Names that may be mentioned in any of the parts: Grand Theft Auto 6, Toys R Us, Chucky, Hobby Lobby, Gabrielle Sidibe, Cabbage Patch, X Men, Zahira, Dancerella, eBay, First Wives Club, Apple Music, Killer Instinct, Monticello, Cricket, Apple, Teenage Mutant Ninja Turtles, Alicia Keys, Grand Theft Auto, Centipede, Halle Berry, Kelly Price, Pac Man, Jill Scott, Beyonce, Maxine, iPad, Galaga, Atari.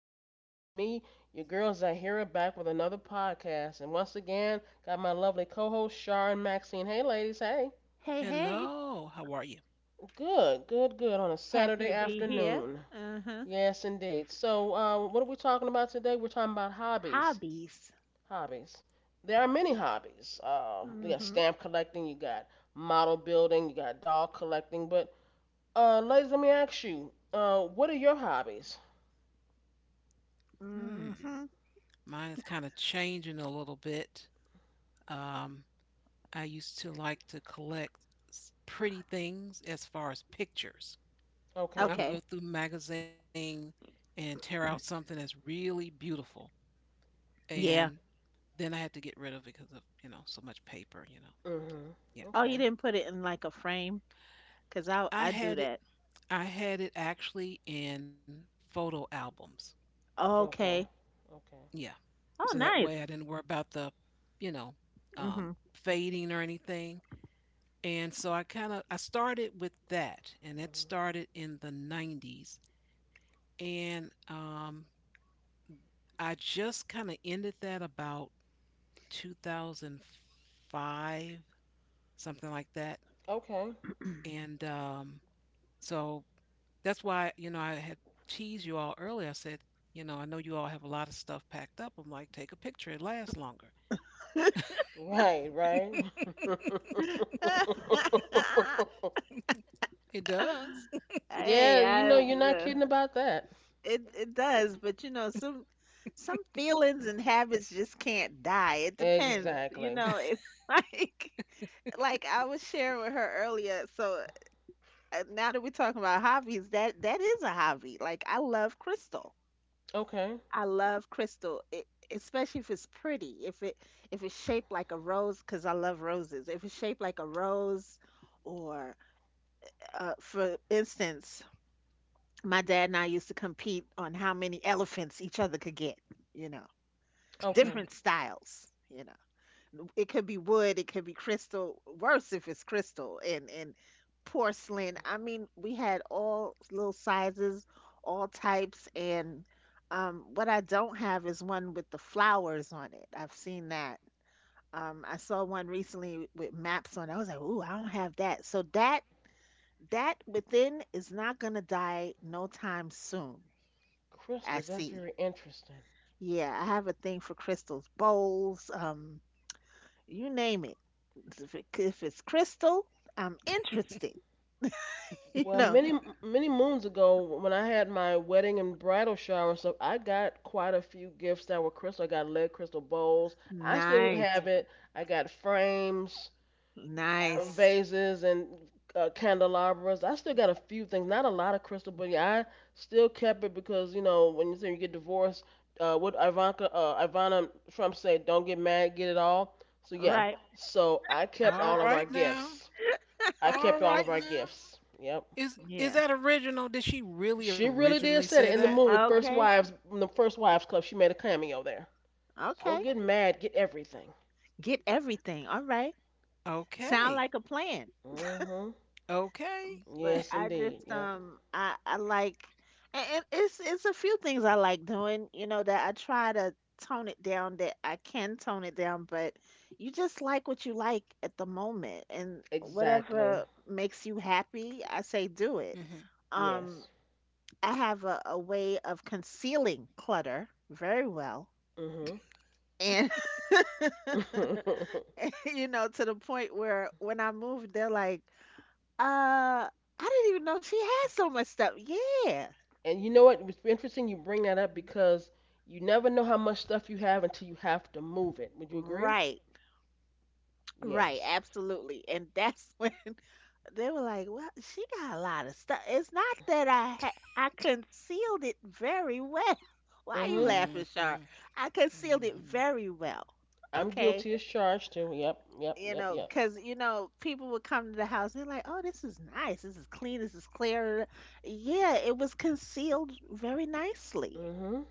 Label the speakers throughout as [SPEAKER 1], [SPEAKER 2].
[SPEAKER 1] It's me, your girl Zahira, back with another podcast, and once again got my lovely co-host Shar and Maxine. Hey, ladies. Hey.
[SPEAKER 2] Hey, hey,
[SPEAKER 1] Good, good, good. On a
[SPEAKER 2] happy
[SPEAKER 1] Saturday
[SPEAKER 2] to be here.
[SPEAKER 1] afternoon.
[SPEAKER 2] Uh-huh.
[SPEAKER 1] Yes, indeed. So, what are we talking about today? We're talking about hobbies.
[SPEAKER 2] Hobbies.
[SPEAKER 1] Hobbies. There are many hobbies. You got
[SPEAKER 2] Mm-hmm.
[SPEAKER 1] stamp collecting. You got model building. You got doll collecting. Ladies, let me ask you. What are your hobbies?
[SPEAKER 2] Mm-hmm.
[SPEAKER 1] Okay.
[SPEAKER 2] Okay. Yeah.
[SPEAKER 1] Mhm.
[SPEAKER 2] Oh, you
[SPEAKER 1] Okay.
[SPEAKER 2] didn't put it in like a frame? Because I do that.
[SPEAKER 1] Okay.
[SPEAKER 2] Okay.
[SPEAKER 1] Okay.
[SPEAKER 2] Oh, nice. Mm-hmm.
[SPEAKER 1] Mhm. Okay. Right, right.
[SPEAKER 2] Hey,
[SPEAKER 1] Yeah, you
[SPEAKER 2] I
[SPEAKER 1] know you're not kidding about that.
[SPEAKER 2] it it does, but you know, some feelings and habits just can't die. It depends. You
[SPEAKER 1] Exactly.
[SPEAKER 2] know, it's like like I was sharing with her earlier, so now that we're talking about hobbies, that is a hobby. Like I love crystal.
[SPEAKER 1] Okay.
[SPEAKER 2] I love crystal, it, especially if it's pretty. If it's shaped like a rose, because I love roses. If it's shaped like a rose, or for instance, my dad and I used to compete on how many elephants each other could get. You know,
[SPEAKER 1] Okay.
[SPEAKER 2] different styles. You know, it could be wood, it could be crystal, worse if it's crystal and porcelain. I mean, we had all little sizes, all types, and what I don't have is one with the flowers on it. I've seen that. I saw one recently with maps on it. I was like, ooh, I don't have that. So that within is not gonna die no time soon. I
[SPEAKER 1] Crystals, that's
[SPEAKER 2] see.
[SPEAKER 1] very interesting.
[SPEAKER 2] Yeah, I have a thing for crystals, bowls, you name it. If it's crystal, I'm interested. You
[SPEAKER 1] Well,
[SPEAKER 2] know,
[SPEAKER 1] many moons ago when I had my wedding and bridal shower and stuff, I got quite a few gifts that were crystal. I got lead crystal bowls. I still
[SPEAKER 2] nice,
[SPEAKER 1] have it. I got frames. Nice.
[SPEAKER 2] nice.
[SPEAKER 1] Vases and candelabras. I still got a few things, not a lot of crystal, but yeah, I still kept it because you know when you say you get divorced, what Ivana Trump said, don't get mad, get it all. So yeah,
[SPEAKER 2] Right.
[SPEAKER 1] so I kept all of our, mhm, gifts. I kept all of our gifts. Yep,
[SPEAKER 2] Yeah.
[SPEAKER 1] she really did said it in the movie First
[SPEAKER 2] Okay.
[SPEAKER 1] Wives, in the First Wives Club. She made a cameo there. So don't
[SPEAKER 2] Okay.
[SPEAKER 1] get, okay, mad, get everything.
[SPEAKER 2] Get everything. All right. Sound like a plan.
[SPEAKER 1] Mhm.
[SPEAKER 2] But
[SPEAKER 1] Yes,
[SPEAKER 2] I
[SPEAKER 1] indeed.
[SPEAKER 2] just
[SPEAKER 1] Yep.
[SPEAKER 2] I like and it's a few things I like doing, you know, that I try to tone it down, that I can tone it down, but you just like what you like at the moment, and
[SPEAKER 1] Exactly.
[SPEAKER 2] whatever makes you happy, I say do it. Um
[SPEAKER 1] Yes.
[SPEAKER 2] I have a way of concealing clutter very well.
[SPEAKER 1] Mhm.
[SPEAKER 2] And, you know, to the point where when I moved, they're like, uh, I didn't even know she had so much stuff. Yeah.
[SPEAKER 1] And you know what? It was interesting you bring that up because you never know how much stuff you have until you have to move it. Would you agree?
[SPEAKER 2] Right. Right.
[SPEAKER 1] Yes.
[SPEAKER 2] Absolutely. And that's when they were like, well, she got a lot of stuff. It's not that I concealed it very well. Why are you
[SPEAKER 1] Mhm.
[SPEAKER 2] laughing, Sharp? I concealed it very well.
[SPEAKER 1] I'm
[SPEAKER 2] Okay,
[SPEAKER 1] guilty as charged too. Yep. Yep.
[SPEAKER 2] you
[SPEAKER 1] Yep.
[SPEAKER 2] know,
[SPEAKER 1] Yep.
[SPEAKER 2] because you know, people would come to the house. They're like, "Oh, this is nice. This is clean. This is clear." Yeah, it was concealed very nicely,
[SPEAKER 1] Mhm.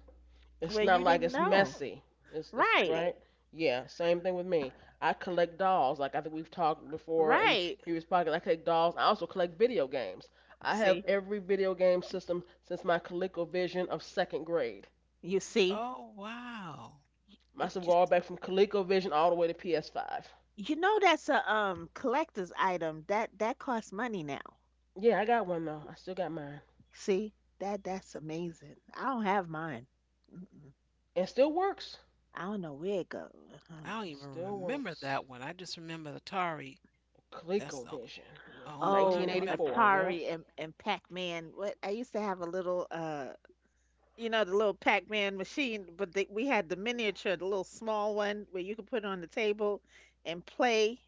[SPEAKER 1] It's
[SPEAKER 2] where
[SPEAKER 1] not
[SPEAKER 2] you
[SPEAKER 1] like
[SPEAKER 2] didn't
[SPEAKER 1] it's
[SPEAKER 2] know.
[SPEAKER 1] messy. It's
[SPEAKER 2] Right,
[SPEAKER 1] right. Yeah. Same thing with me. I collect dolls. Like I think we've talked before in
[SPEAKER 2] right.
[SPEAKER 1] previous podcasts. I collect dolls. I also collect video games. I have
[SPEAKER 2] See,
[SPEAKER 1] every video game system since my ColecoVision of second grade.
[SPEAKER 2] you see,
[SPEAKER 1] Must
[SPEAKER 2] it
[SPEAKER 1] have
[SPEAKER 2] just,
[SPEAKER 1] gone back from ColecoVision all the way to PS5.
[SPEAKER 2] you know, that's a collector's item that costs money now.
[SPEAKER 1] Yeah, I got one though. I still got mine.
[SPEAKER 2] See, that's amazing. I don't have mine. Mm-mm.
[SPEAKER 1] And it still works.
[SPEAKER 2] I don't know where it goes.
[SPEAKER 1] It still works. ColecoVision. Yeah, from
[SPEAKER 2] Oh,
[SPEAKER 1] 1984. Yeah.
[SPEAKER 2] Atari and Pac-Man. What, I used to have a little you know, the little Pac-Man machine, but they, we had the miniature, the little small one where you could put it on the table and play.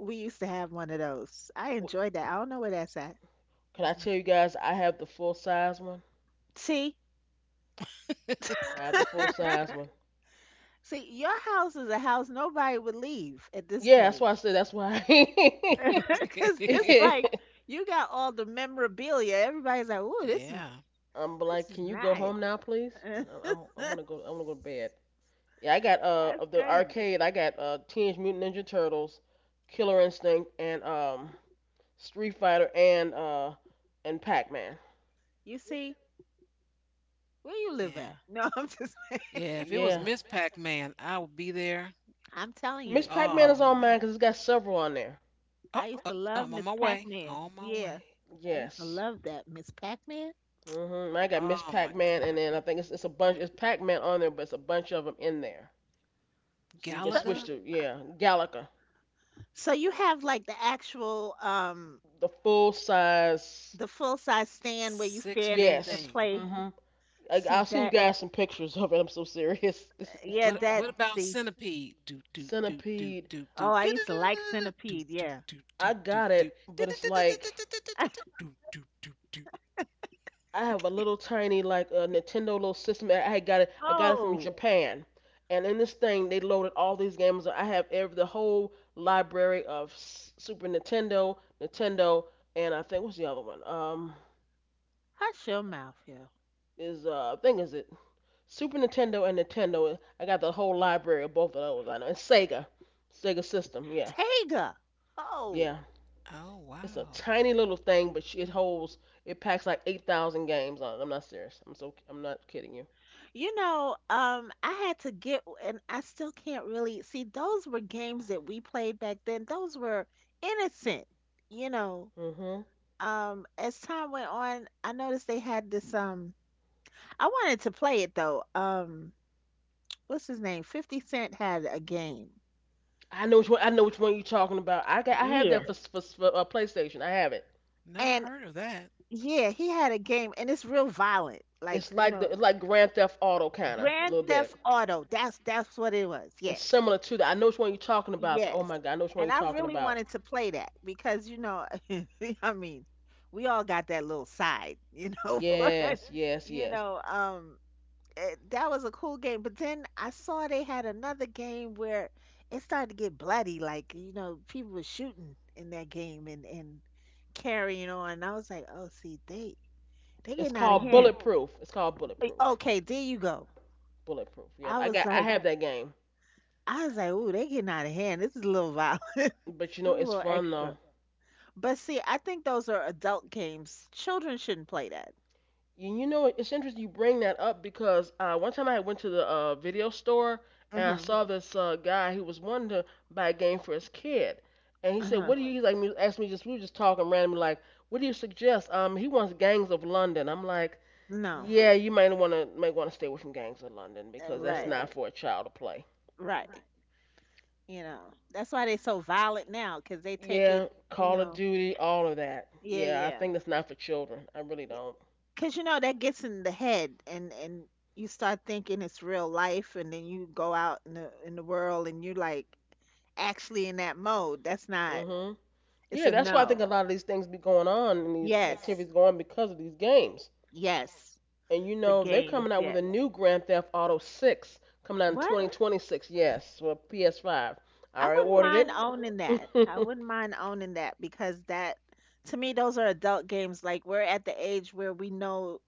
[SPEAKER 2] We used to have one of those. I enjoyed that. I don't know where that's at.
[SPEAKER 1] Can I
[SPEAKER 2] Mm-mm.
[SPEAKER 1] tell you guys I have the full size one?
[SPEAKER 2] See,
[SPEAKER 1] I have the full size one.
[SPEAKER 2] see, your house is a house nobody would leave at this
[SPEAKER 1] Yeah, that's
[SPEAKER 2] point,
[SPEAKER 1] why I said that's why.
[SPEAKER 2] because it's
[SPEAKER 1] Yeah.
[SPEAKER 2] like you got all the memorabilia. Everybody's like, "Ooh,
[SPEAKER 1] I'm like,
[SPEAKER 2] this is
[SPEAKER 1] can you go home
[SPEAKER 2] nice."
[SPEAKER 1] now, please? I- am I'm gonna go. I want to go to bed. Yeah, I got
[SPEAKER 2] That's
[SPEAKER 1] of the
[SPEAKER 2] crazy.
[SPEAKER 1] arcade. I got Teenage Mutant Ninja Turtles, Killer Instinct, and Street Fighter and Pac Man.
[SPEAKER 2] You see, where you live at? No, I'm just.
[SPEAKER 1] Yeah.
[SPEAKER 2] I'm telling
[SPEAKER 1] Miss
[SPEAKER 2] you,
[SPEAKER 1] Pac Man is on mine because it's got several on there.
[SPEAKER 2] I used to love Miss Pac-Man. Yeah. I used to
[SPEAKER 1] Yes.
[SPEAKER 2] love that Miss Pac-Man.
[SPEAKER 1] Hmm. I got Miss Pac Man and then I think it's a bunch. It's Pac Man on there, but it's a bunch of them in there. So you can switch to, yeah, Galaga,
[SPEAKER 2] So you have like the actual
[SPEAKER 1] the full size.
[SPEAKER 2] the full size stand where you stand and
[SPEAKER 1] Yes.
[SPEAKER 2] play.
[SPEAKER 1] Hmm. I,
[SPEAKER 2] See
[SPEAKER 1] I'll send you
[SPEAKER 2] that?
[SPEAKER 1] guys some pictures of it. I'm so serious.
[SPEAKER 2] Yeah, that see.
[SPEAKER 1] Centipede.
[SPEAKER 2] Oh, I used to like Centipede, yeah.
[SPEAKER 1] I got it, but it's like I have a little tiny like a Nintendo little system. I had got it. I got it from
[SPEAKER 2] Oh,
[SPEAKER 1] Japan, and in this thing they loaded all these games. I have every the whole library of S- Super Nintendo, Nintendo, and I think what's the other one?
[SPEAKER 2] hush your mouth, yo.
[SPEAKER 1] Is I think is it Super Nintendo and Nintendo. I got the whole library of both of those. I know and Sega, Sega system. Yeah,
[SPEAKER 2] Tega. Oh,
[SPEAKER 1] yeah. It's a tiny little thing, but it holds. It packs like 8,000 games on it. I'm not serious. I'm so. I'm not kidding you.
[SPEAKER 2] you know, I had to get, and I still can't really see. Those were games that we played back then. Those were innocent, you know.
[SPEAKER 1] Hmm.
[SPEAKER 2] As time went on, I noticed they had this I wanted to play it though. What's his name? 50 Cent had a game.
[SPEAKER 1] I know which one. I know which one you're talking about. I got. I have
[SPEAKER 2] Yeah.
[SPEAKER 1] that for PlayStation. I have it.
[SPEAKER 2] And yeah, he had a game and it's real violent. Like, you know,
[SPEAKER 1] It's like Grand Theft Auto kind of a
[SPEAKER 2] Grand
[SPEAKER 1] little bit.
[SPEAKER 2] Theft Auto. That's what it was.
[SPEAKER 1] It's
[SPEAKER 2] Yes.
[SPEAKER 1] similar to that. I know which one you're talking about. Oh my
[SPEAKER 2] Yes.
[SPEAKER 1] god, I know which one you're
[SPEAKER 2] And I
[SPEAKER 1] talking
[SPEAKER 2] really
[SPEAKER 1] about.
[SPEAKER 2] wanted to play that because, you know, I mean, we all got that little side, you know, but
[SPEAKER 1] Yes, yes,
[SPEAKER 2] you
[SPEAKER 1] yes.
[SPEAKER 2] know, that was a cool game. But then I saw they had another game where it started to get bloody. Like, you know, people were shooting in that game and carrying on. And I was like, oh, see, they
[SPEAKER 1] It's
[SPEAKER 2] getting out of
[SPEAKER 1] called
[SPEAKER 2] hand.
[SPEAKER 1] Bulletproof. It's called
[SPEAKER 2] Like,
[SPEAKER 1] Bulletproof.
[SPEAKER 2] okay, there you go.
[SPEAKER 1] Bulletproof. Yep.
[SPEAKER 2] I
[SPEAKER 1] I
[SPEAKER 2] was
[SPEAKER 1] got. I
[SPEAKER 2] like,
[SPEAKER 1] have that game.
[SPEAKER 2] I was like, ooh, they getting out of hand. This is a little violent.
[SPEAKER 1] But you know,
[SPEAKER 2] This is a
[SPEAKER 1] it's
[SPEAKER 2] little
[SPEAKER 1] fun
[SPEAKER 2] extra.
[SPEAKER 1] though.
[SPEAKER 2] But see, I think those are adult games. Children shouldn't play that.
[SPEAKER 1] You know, it's interesting you bring that up because one time I went to the video store and I
[SPEAKER 2] Mm-hmm.
[SPEAKER 1] saw this guy who was wanting to buy a game for his kid, and he said,
[SPEAKER 2] Uh-huh.
[SPEAKER 1] "What do you?" He's like, he asked me just we were just talking randomly, like, "What do you suggest?" He wants Gangs of London. I'm like,
[SPEAKER 2] No.
[SPEAKER 1] "Yeah, you might want to stay away from Gangs of London because that's
[SPEAKER 2] Right.
[SPEAKER 1] not for a child to play."
[SPEAKER 2] Right. You know, that's why they so violent now, 'cause they take it,
[SPEAKER 1] Yeah,
[SPEAKER 2] you
[SPEAKER 1] Call of
[SPEAKER 2] know.
[SPEAKER 1] Duty, all of that.
[SPEAKER 2] Yeah,
[SPEAKER 1] Yeah, I
[SPEAKER 2] yeah.
[SPEAKER 1] think that's not for children. I really
[SPEAKER 2] Yeah.
[SPEAKER 1] don't.
[SPEAKER 2] 'Cause you know that gets in the head and you start thinking it's real life and then you go out in the world and you're like actually in that mode. That's not,
[SPEAKER 1] Mm-hmm.
[SPEAKER 2] it's
[SPEAKER 1] Yeah,
[SPEAKER 2] a
[SPEAKER 1] that's why I think
[SPEAKER 2] no.
[SPEAKER 1] a lot of these things be going on and these
[SPEAKER 2] Yes.
[SPEAKER 1] activities going on because of these games.
[SPEAKER 2] Yes.
[SPEAKER 1] And you
[SPEAKER 2] The
[SPEAKER 1] know, they're
[SPEAKER 2] games,
[SPEAKER 1] coming out with a
[SPEAKER 2] yes.
[SPEAKER 1] new Grand Theft Auto 6 coming out in
[SPEAKER 2] What?
[SPEAKER 1] 2026. Yes, for PS5. I
[SPEAKER 2] I
[SPEAKER 1] already
[SPEAKER 2] wouldn't
[SPEAKER 1] ordered
[SPEAKER 2] mind owning
[SPEAKER 1] it.
[SPEAKER 2] that. I wouldn't mind owning that because that, to me, those are adult games. Like, we're at the age where we know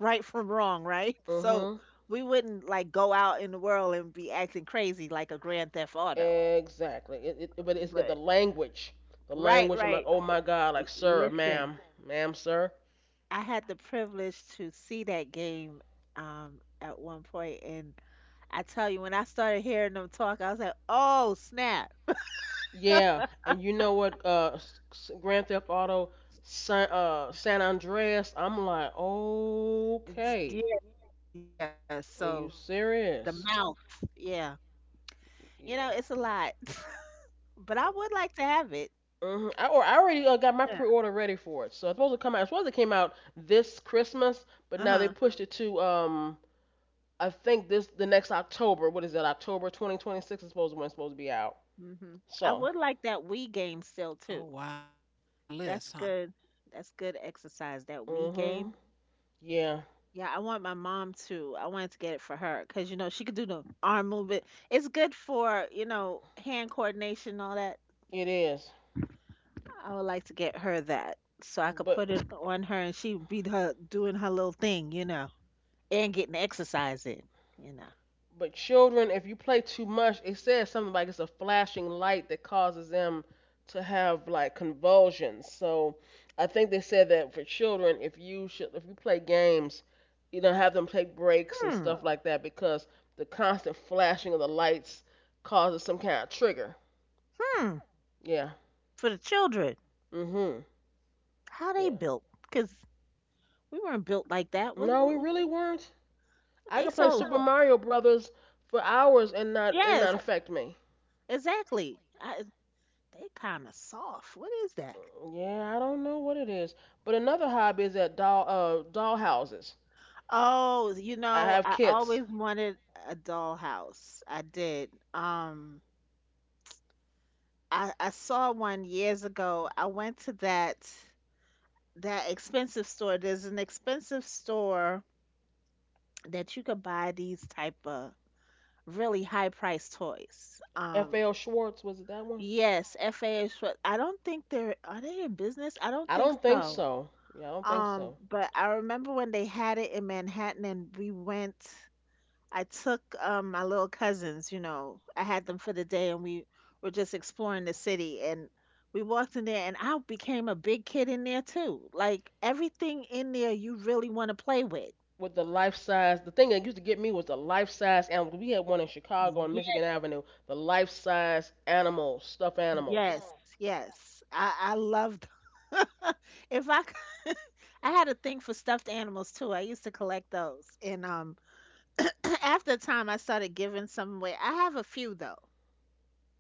[SPEAKER 2] right from wrong, right? So
[SPEAKER 1] Mhm.
[SPEAKER 2] we wouldn't like go out in the world and be acting crazy like a Grand Theft Auto.
[SPEAKER 1] Exactly. But it's got the
[SPEAKER 2] But
[SPEAKER 1] language. The
[SPEAKER 2] right,
[SPEAKER 1] language. I'm like,
[SPEAKER 2] right.
[SPEAKER 1] oh my God, like sir,
[SPEAKER 2] Listen,
[SPEAKER 1] ma'am, ma'am, sir.
[SPEAKER 2] I had the privilege to see that game at one point and I tell you, when I started hearing them talk, I was like, "Oh, snap."
[SPEAKER 1] Yeah. And you know what? Grand Theft Auto San Andreas. I'm like,
[SPEAKER 2] It's-
[SPEAKER 1] okay.
[SPEAKER 2] Yeah, yeah, so
[SPEAKER 1] Are you
[SPEAKER 2] the
[SPEAKER 1] serious?
[SPEAKER 2] mouth. Yeah. You know,
[SPEAKER 1] Yeah.
[SPEAKER 2] it's a lot. But I would like to have it.
[SPEAKER 1] Hmm. I already got my
[SPEAKER 2] Yeah.
[SPEAKER 1] pre-order ready for it. So it's supposed to come out. It's supposed to came out this Christmas, but now they
[SPEAKER 2] Uh-huh.
[SPEAKER 1] pushed it to, um, I think this the next October. What is that? October 2026 is supposed to when it's supposed to be out.
[SPEAKER 2] Hmm. I
[SPEAKER 1] So,
[SPEAKER 2] would like that Wii game still too. That's good. That's good exercise. That Wii
[SPEAKER 1] mhm.
[SPEAKER 2] game.
[SPEAKER 1] Yeah,
[SPEAKER 2] Yeah, I want my mom to. I wanted to get it for her because you know she could do the arm movement. It's good for, you know, hand coordination and all that.
[SPEAKER 1] it is.
[SPEAKER 2] I would like to get her that, so I could
[SPEAKER 1] But
[SPEAKER 2] put it on her and she would be her doing her little thing, you know, and getting exercise in, you know.
[SPEAKER 1] Children, if you play too much, it says something like it's a flashing light that causes them to have like convulsions. So I think they said that for children, if you should, if you play games, you know, have them take breaks and
[SPEAKER 2] Hmm.
[SPEAKER 1] stuff like that because the constant flashing of the lights causes some kind of trigger.
[SPEAKER 2] Hmm.
[SPEAKER 1] Yeah.
[SPEAKER 2] For the children,
[SPEAKER 1] Mhm.
[SPEAKER 2] how they
[SPEAKER 1] Yeah.
[SPEAKER 2] built? Because we weren't built like that.
[SPEAKER 1] No, we
[SPEAKER 2] What-
[SPEAKER 1] really weren't. I
[SPEAKER 2] they
[SPEAKER 1] could play
[SPEAKER 2] so,
[SPEAKER 1] Super Mario Brothers for hours and not
[SPEAKER 2] yes,
[SPEAKER 1] affect me.
[SPEAKER 2] exactly. I, they kind of soft. What is that?
[SPEAKER 1] Yeah, I don't know what it is. But another hobby is at dollhouses.
[SPEAKER 2] Oh, you
[SPEAKER 1] I
[SPEAKER 2] know,
[SPEAKER 1] have
[SPEAKER 2] I
[SPEAKER 1] kits.
[SPEAKER 2] always wanted a dollhouse. I did. Um, I saw one years ago. I went to that that expensive store. There's an expensive store that you could buy these type of really high priced toys.
[SPEAKER 1] F.L. Schwartz was it that one?
[SPEAKER 2] Yes, FAA. I don't think they're, are they in business? I don't
[SPEAKER 1] I
[SPEAKER 2] think
[SPEAKER 1] don't think
[SPEAKER 2] so.
[SPEAKER 1] so. Yeah, I don't think so.
[SPEAKER 2] But I remember when they had it in Manhattan and we went, I took my little cousins, you know, I had them for the day and we were just exploring the city and we walked in there and I became a big kid in there too. Like everything in there you really want to play with.
[SPEAKER 1] With the life size, the thing that used to get me was the life size animals. We had one in Chicago on
[SPEAKER 2] Yes,
[SPEAKER 1] Michigan Avenue. The life size animals, stuffed animals. Yeah.
[SPEAKER 2] yes, yes. I loved if I c- I had a thing for stuffed animals too. I used to collect those. And after a time, I started giving some away. I have a few though.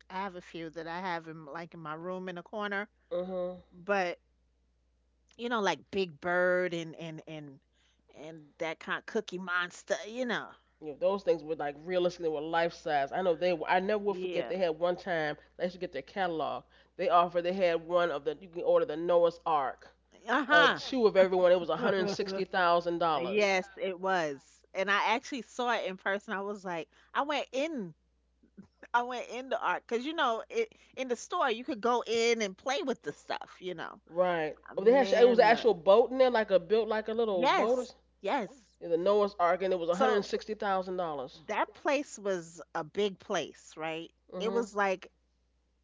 [SPEAKER 2] I have a few that I have in like in my room in a corner.
[SPEAKER 1] Mhm.
[SPEAKER 2] But you know, like Big Bird and and that kind of Cookie Monster. You know.
[SPEAKER 1] You know, those things were like realistically were life size. I know they were. I never will forget.
[SPEAKER 2] Yeah.
[SPEAKER 1] They had one time. I used to get their catalog. They offered. They had one of the. You can order the Noah's Ark of
[SPEAKER 2] Uh
[SPEAKER 1] two of everyone, it was one
[SPEAKER 2] huh.
[SPEAKER 1] hundred sixty thousand dollars.
[SPEAKER 2] Yes, it was. And I actually saw it in person. I was like, I went in, I went in the art because, you know, it, in the store you could go in and play with the stuff, you know.
[SPEAKER 1] Right. Well, they had it was an
[SPEAKER 2] Man, look.
[SPEAKER 1] actual boat in there, like a built like a little boat. Or,
[SPEAKER 2] Yes,
[SPEAKER 1] s-
[SPEAKER 2] yes.
[SPEAKER 1] the Noah's Ark, and it was one hundred
[SPEAKER 2] So
[SPEAKER 1] sixty thousand dollars.
[SPEAKER 2] that place was a big place, right? It
[SPEAKER 1] Mhm.
[SPEAKER 2] was like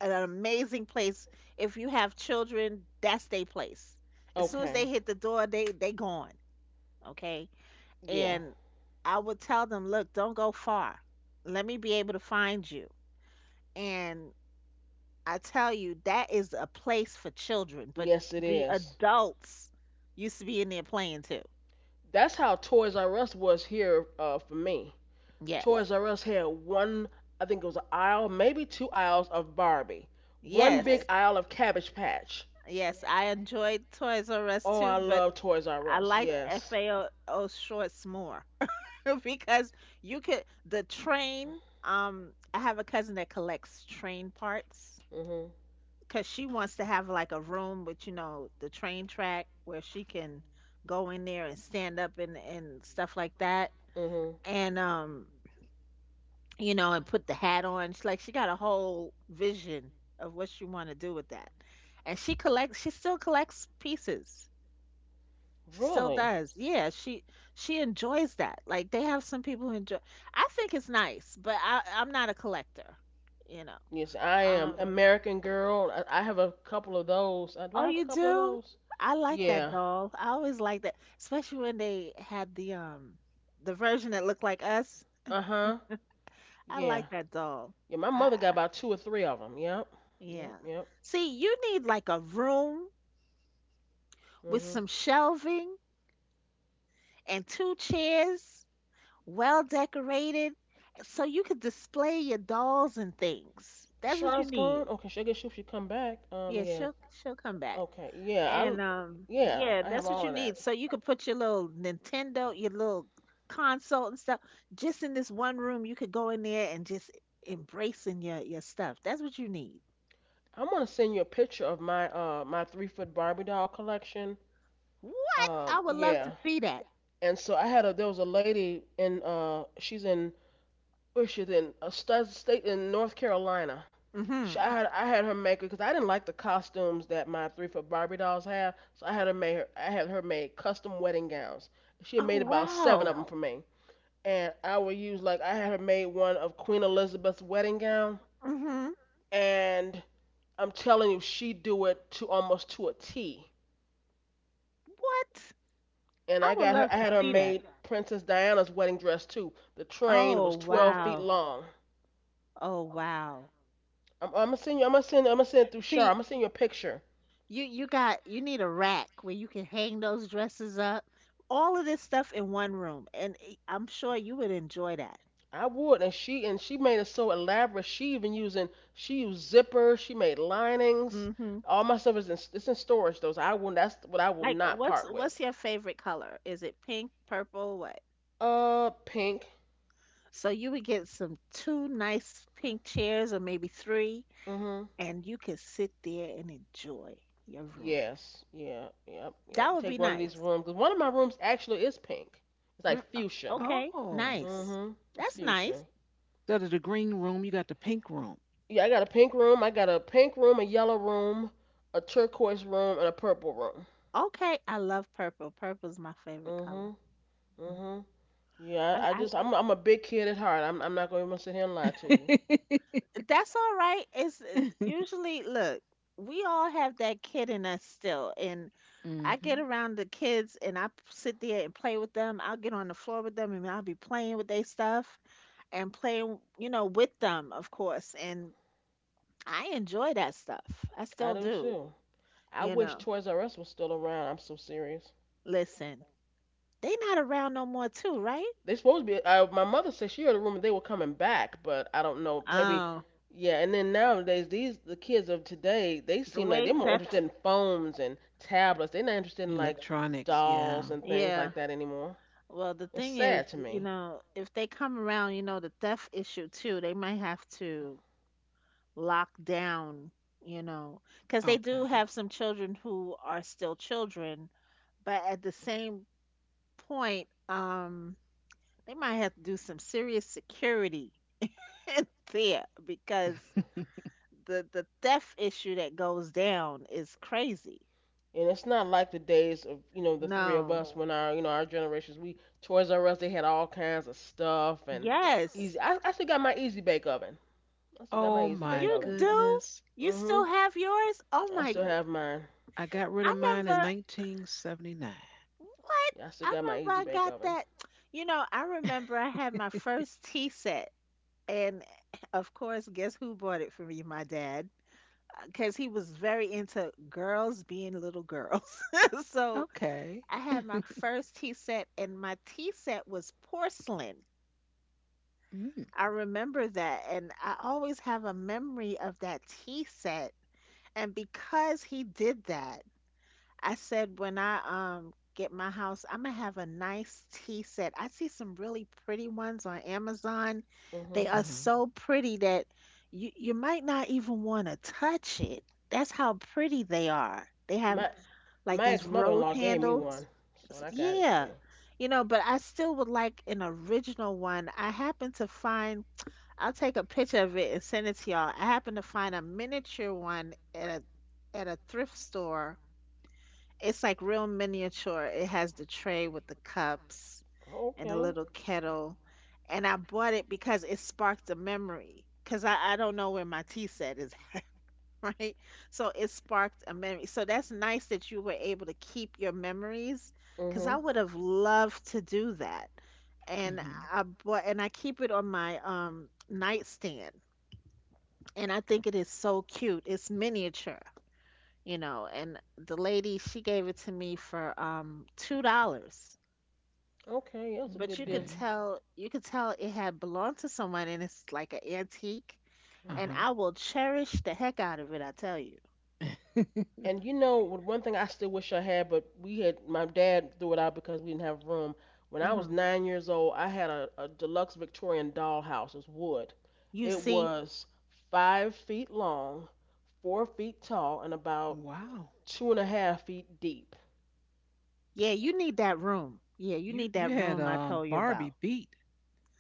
[SPEAKER 2] an amazing place. If you have children, that's their place. As soon as
[SPEAKER 1] Okay.
[SPEAKER 2] they hit the door, they gone, okay?
[SPEAKER 1] Yeah.
[SPEAKER 2] And I would tell them, "Look, don't go far. Let me be able to find you." And I tell you, that is a place for children, but
[SPEAKER 1] Yes, it
[SPEAKER 2] the
[SPEAKER 1] is.
[SPEAKER 2] adults used to be in there playing too.
[SPEAKER 1] That's how Toys R Us was here, for me.
[SPEAKER 2] Yes.
[SPEAKER 1] Toys R Us had one, I think it was an aisle, maybe two aisles of Barbie, one big
[SPEAKER 2] Yes.
[SPEAKER 1] aisle of Cabbage Patch.
[SPEAKER 2] Yes, I enjoyed Toys R Us
[SPEAKER 1] Oh,
[SPEAKER 2] too,
[SPEAKER 1] I
[SPEAKER 2] but
[SPEAKER 1] love Toys R
[SPEAKER 2] I
[SPEAKER 1] Us.
[SPEAKER 2] liked
[SPEAKER 1] Yes.
[SPEAKER 2] FAO shorts more because you could the train. I have a cousin that collects train parts
[SPEAKER 1] Mhm.
[SPEAKER 2] because she wants to have like a room with, you know, the train track where she can go in there and stand up and stuff like that,
[SPEAKER 1] Mhm.
[SPEAKER 2] and you know, and put the hat on. She's like she got a whole vision of what she want to do with that, and she collects. She still collects pieces. She still
[SPEAKER 1] Really?
[SPEAKER 2] does. Yeah, she enjoys that. Like they have some people who enjoy. I think it's nice, but I'm not a collector, you know.
[SPEAKER 1] Yes, I am
[SPEAKER 2] Um,
[SPEAKER 1] American Girl. I have a couple of those. Do
[SPEAKER 2] oh,
[SPEAKER 1] I have a
[SPEAKER 2] you
[SPEAKER 1] couple of
[SPEAKER 2] do?
[SPEAKER 1] those?
[SPEAKER 2] I like that
[SPEAKER 1] Yeah.
[SPEAKER 2] doll. I always like that, especially when they had the version that looked like us.
[SPEAKER 1] Uh huh.
[SPEAKER 2] I
[SPEAKER 1] Yeah.
[SPEAKER 2] like that doll.
[SPEAKER 1] Yeah. My
[SPEAKER 2] I,
[SPEAKER 1] mother got about two or three of them. Yep.
[SPEAKER 2] yeah.
[SPEAKER 1] Yep. Yep.
[SPEAKER 2] See, you need like a room with
[SPEAKER 1] Mhm.
[SPEAKER 2] some shelving and two chairs well decorated, so you could display your dolls and things. That's what you
[SPEAKER 1] Char's
[SPEAKER 2] need.
[SPEAKER 1] gone. Okay, she I guess she should come back.
[SPEAKER 2] Yeah,
[SPEAKER 1] Yeah.
[SPEAKER 2] she'll come back.
[SPEAKER 1] Okay. Yeah. I.
[SPEAKER 2] And
[SPEAKER 1] Yeah.
[SPEAKER 2] yeah,
[SPEAKER 1] I have
[SPEAKER 2] that's what
[SPEAKER 1] all
[SPEAKER 2] you
[SPEAKER 1] of that.
[SPEAKER 2] need. So you could put your little Nintendo, your little console and stuff, just in this one room. You could go in there and just embracing your stuff. That's what you need.
[SPEAKER 1] I'm gonna send you a picture of my my 3 foot Barbie doll collection.
[SPEAKER 2] What? I would love to
[SPEAKER 1] Yeah.
[SPEAKER 2] see that.
[SPEAKER 1] And so I had a there was a lady in she's in where she's in a state in North Carolina.
[SPEAKER 2] Mhm.
[SPEAKER 1] I had her make it because I didn't like the costumes that my 3 foot Barbie dolls have, so I had her make custom wedding gowns. She had
[SPEAKER 2] Oh
[SPEAKER 1] made about seven
[SPEAKER 2] wow.
[SPEAKER 1] of them, wow, for me, and I would use like I had her made one of Queen Elizabeth's wedding gown,
[SPEAKER 2] Mhm.
[SPEAKER 1] and I'm telling you, she do it to almost to a T.
[SPEAKER 2] What?
[SPEAKER 1] And
[SPEAKER 2] I would love
[SPEAKER 1] I
[SPEAKER 2] to
[SPEAKER 1] had her
[SPEAKER 2] see that.
[SPEAKER 1] made Princess Diana's wedding dress too. The train
[SPEAKER 2] Oh
[SPEAKER 1] was, oh, 12 feet, wow,
[SPEAKER 2] wow.
[SPEAKER 1] long.
[SPEAKER 2] Oh wow.
[SPEAKER 1] I'm gonna send it through Shar. I'm
[SPEAKER 2] See,
[SPEAKER 1] gonna send you a picture.
[SPEAKER 2] you got you need a rack where you can hang those dresses up. All of this stuff in one room, and it- I'm sure you would enjoy that.
[SPEAKER 1] I would, and she made it so elaborate. She even using She used zippers. She made linings.
[SPEAKER 2] Hmm
[SPEAKER 1] All my stuff is in it's in storage though, so I will that's what I will
[SPEAKER 2] Like,
[SPEAKER 1] not
[SPEAKER 2] what's
[SPEAKER 1] part with.
[SPEAKER 2] what's your favorite color? Is it pink, purple, what?
[SPEAKER 1] Pink.
[SPEAKER 2] So you would get some two nice pink chairs, or maybe three,
[SPEAKER 1] Mhm.
[SPEAKER 2] and you could sit there and enjoy your room.
[SPEAKER 1] Yes. Yeah. Yep.
[SPEAKER 2] That
[SPEAKER 1] Yep.
[SPEAKER 2] would
[SPEAKER 1] Take
[SPEAKER 2] be
[SPEAKER 1] one of these
[SPEAKER 2] nice.
[SPEAKER 1] rooms 'cause one of my rooms actually is pink. It's like
[SPEAKER 2] Mm, uh,
[SPEAKER 1] fuchsia.
[SPEAKER 2] okay,
[SPEAKER 3] Oh.
[SPEAKER 2] nice.
[SPEAKER 1] Mhm. It's
[SPEAKER 2] That's nice.
[SPEAKER 1] fuchsia.
[SPEAKER 3] Instead of the green room, you got the pink room.
[SPEAKER 1] Yeah, I got a pink room. I got a pink room, a yellow room, a turquoise room, and a purple room.
[SPEAKER 2] Okay, I love purple. Purple's my favorite color.
[SPEAKER 1] Mhm. Mhm. Yeah,
[SPEAKER 2] I,
[SPEAKER 1] I
[SPEAKER 2] I
[SPEAKER 1] just I'm a big kid at heart. I'm not gonna even sit here and lie to you.
[SPEAKER 2] That's all right. It's Usually, look, we all have that kid in us still. And I get
[SPEAKER 3] Hmm.
[SPEAKER 2] around the kids and sit there and play with them. I'll get on the floor with them and I'll be playing with their stuff and playing, you know, with them, of course. And I enjoy that stuff. I
[SPEAKER 1] I
[SPEAKER 2] still
[SPEAKER 1] do
[SPEAKER 2] do,
[SPEAKER 1] too. I
[SPEAKER 2] you
[SPEAKER 1] wish
[SPEAKER 2] know.
[SPEAKER 1] Toys R Us was still around. I'm so serious.
[SPEAKER 2] Listen, they not around no more too, right?
[SPEAKER 1] They supposed to be. My mother said she heard a rumor they were coming back, but I don't know. Maybe.
[SPEAKER 2] Oh,
[SPEAKER 1] Yeah, and then nowadays the kids of today they
[SPEAKER 2] the
[SPEAKER 1] seem like
[SPEAKER 2] way
[SPEAKER 1] they're more
[SPEAKER 2] that's,
[SPEAKER 1] interested in phones and tablets. They're not interested in like
[SPEAKER 3] Electronics,
[SPEAKER 1] dolls
[SPEAKER 3] yeah.
[SPEAKER 1] and things
[SPEAKER 2] yeah.
[SPEAKER 1] like that anymore.
[SPEAKER 2] Well, the
[SPEAKER 1] It's
[SPEAKER 2] thing is,
[SPEAKER 1] sad to
[SPEAKER 2] you
[SPEAKER 1] me.
[SPEAKER 2] know, if they come around, you know, the theft issue too, they might have to lock down, you know, because they
[SPEAKER 3] Okay.
[SPEAKER 2] do have some children who are still children, but at the same point, they might have to do some serious security in there because the theft issue that goes down is crazy.
[SPEAKER 1] And it's not like the days of the three of
[SPEAKER 2] No.
[SPEAKER 1] us when our our generations we Toys R Us they had all kinds of stuff and easy.
[SPEAKER 2] Yes.
[SPEAKER 1] I still got my Easy Bake Oven. I still got my
[SPEAKER 3] Oh
[SPEAKER 1] Easy Bake
[SPEAKER 3] my
[SPEAKER 2] You
[SPEAKER 1] Oven.
[SPEAKER 2] do?
[SPEAKER 3] goodness.
[SPEAKER 2] You still
[SPEAKER 1] Mhm.
[SPEAKER 2] have yours? Oh
[SPEAKER 1] I
[SPEAKER 2] my,
[SPEAKER 1] still have mine.
[SPEAKER 3] I got rid
[SPEAKER 2] I
[SPEAKER 3] of mine in
[SPEAKER 2] remember.
[SPEAKER 3] 1979.
[SPEAKER 2] What?
[SPEAKER 1] Yeah, I still
[SPEAKER 2] I
[SPEAKER 1] got my
[SPEAKER 2] remember
[SPEAKER 1] Easy
[SPEAKER 2] I
[SPEAKER 1] Bake
[SPEAKER 2] got
[SPEAKER 1] Oven.
[SPEAKER 2] that. You know, I remember I had my first tea set. And of course, guess who bought it for me? My dad. Because he was very into girls being little girls. So
[SPEAKER 3] Okay.
[SPEAKER 2] I had my first tea set, and my tea set was porcelain.
[SPEAKER 3] Mm.
[SPEAKER 2] I remember that. And I always have a memory of that tea set. And because he did that, I said when I get my house, I'm gonna have a nice tea set. I see some really pretty ones on Amazon. They
[SPEAKER 1] Mhm.
[SPEAKER 2] are
[SPEAKER 3] Uh-huh.
[SPEAKER 2] so pretty that you might not even want to touch it. That's how pretty they are. They have
[SPEAKER 1] My
[SPEAKER 2] like
[SPEAKER 1] my
[SPEAKER 2] these
[SPEAKER 1] ex mother in
[SPEAKER 2] rose
[SPEAKER 1] law gave me
[SPEAKER 2] handles.
[SPEAKER 1] one, so I got it
[SPEAKER 2] Yeah.
[SPEAKER 1] still.
[SPEAKER 2] You know, but I still would like an original one. I happen to find, I'll take a picture of it and send it to y'all. I happen to find a miniature one at a thrift store. It's like real miniature. It has the tray with the cups and the
[SPEAKER 1] Okay.
[SPEAKER 2] little kettle. And I bought it because it sparked a memory. Because I don't know where my tea set is, right? So it sparked a memory. So that's nice that you were able to keep your memories because I
[SPEAKER 1] Mhm.
[SPEAKER 2] would have loved to do that. And
[SPEAKER 3] Mm-hmm.
[SPEAKER 2] I bought, and I keep it on my nightstand. And I think it is so cute. It's miniature, you know, and the lady she gave it to me for $2.
[SPEAKER 1] Okay, that's a
[SPEAKER 2] But
[SPEAKER 1] good
[SPEAKER 2] you could
[SPEAKER 1] deal.
[SPEAKER 3] Okay.
[SPEAKER 2] tell you could tell it had belonged to someone and it's like an antique,
[SPEAKER 1] Mhm.
[SPEAKER 2] and I will cherish the heck out of it, I tell you.
[SPEAKER 3] Uh-huh.
[SPEAKER 1] And you know, one thing I still wish I had, but we had my dad threw it out because we didn't have room. When I was
[SPEAKER 2] Hmm
[SPEAKER 1] 9 years old, I had a deluxe Victorian dollhouse. It was wood.
[SPEAKER 2] You
[SPEAKER 1] It
[SPEAKER 2] see?
[SPEAKER 1] was 5 feet long, 4 feet tall, and about
[SPEAKER 3] Wow.
[SPEAKER 1] two and a half feet deep.
[SPEAKER 2] Yeah, you need that room. Yeah, you
[SPEAKER 3] You
[SPEAKER 2] need
[SPEAKER 3] you
[SPEAKER 2] that
[SPEAKER 3] had
[SPEAKER 2] room I told you about.
[SPEAKER 3] Barbie beat.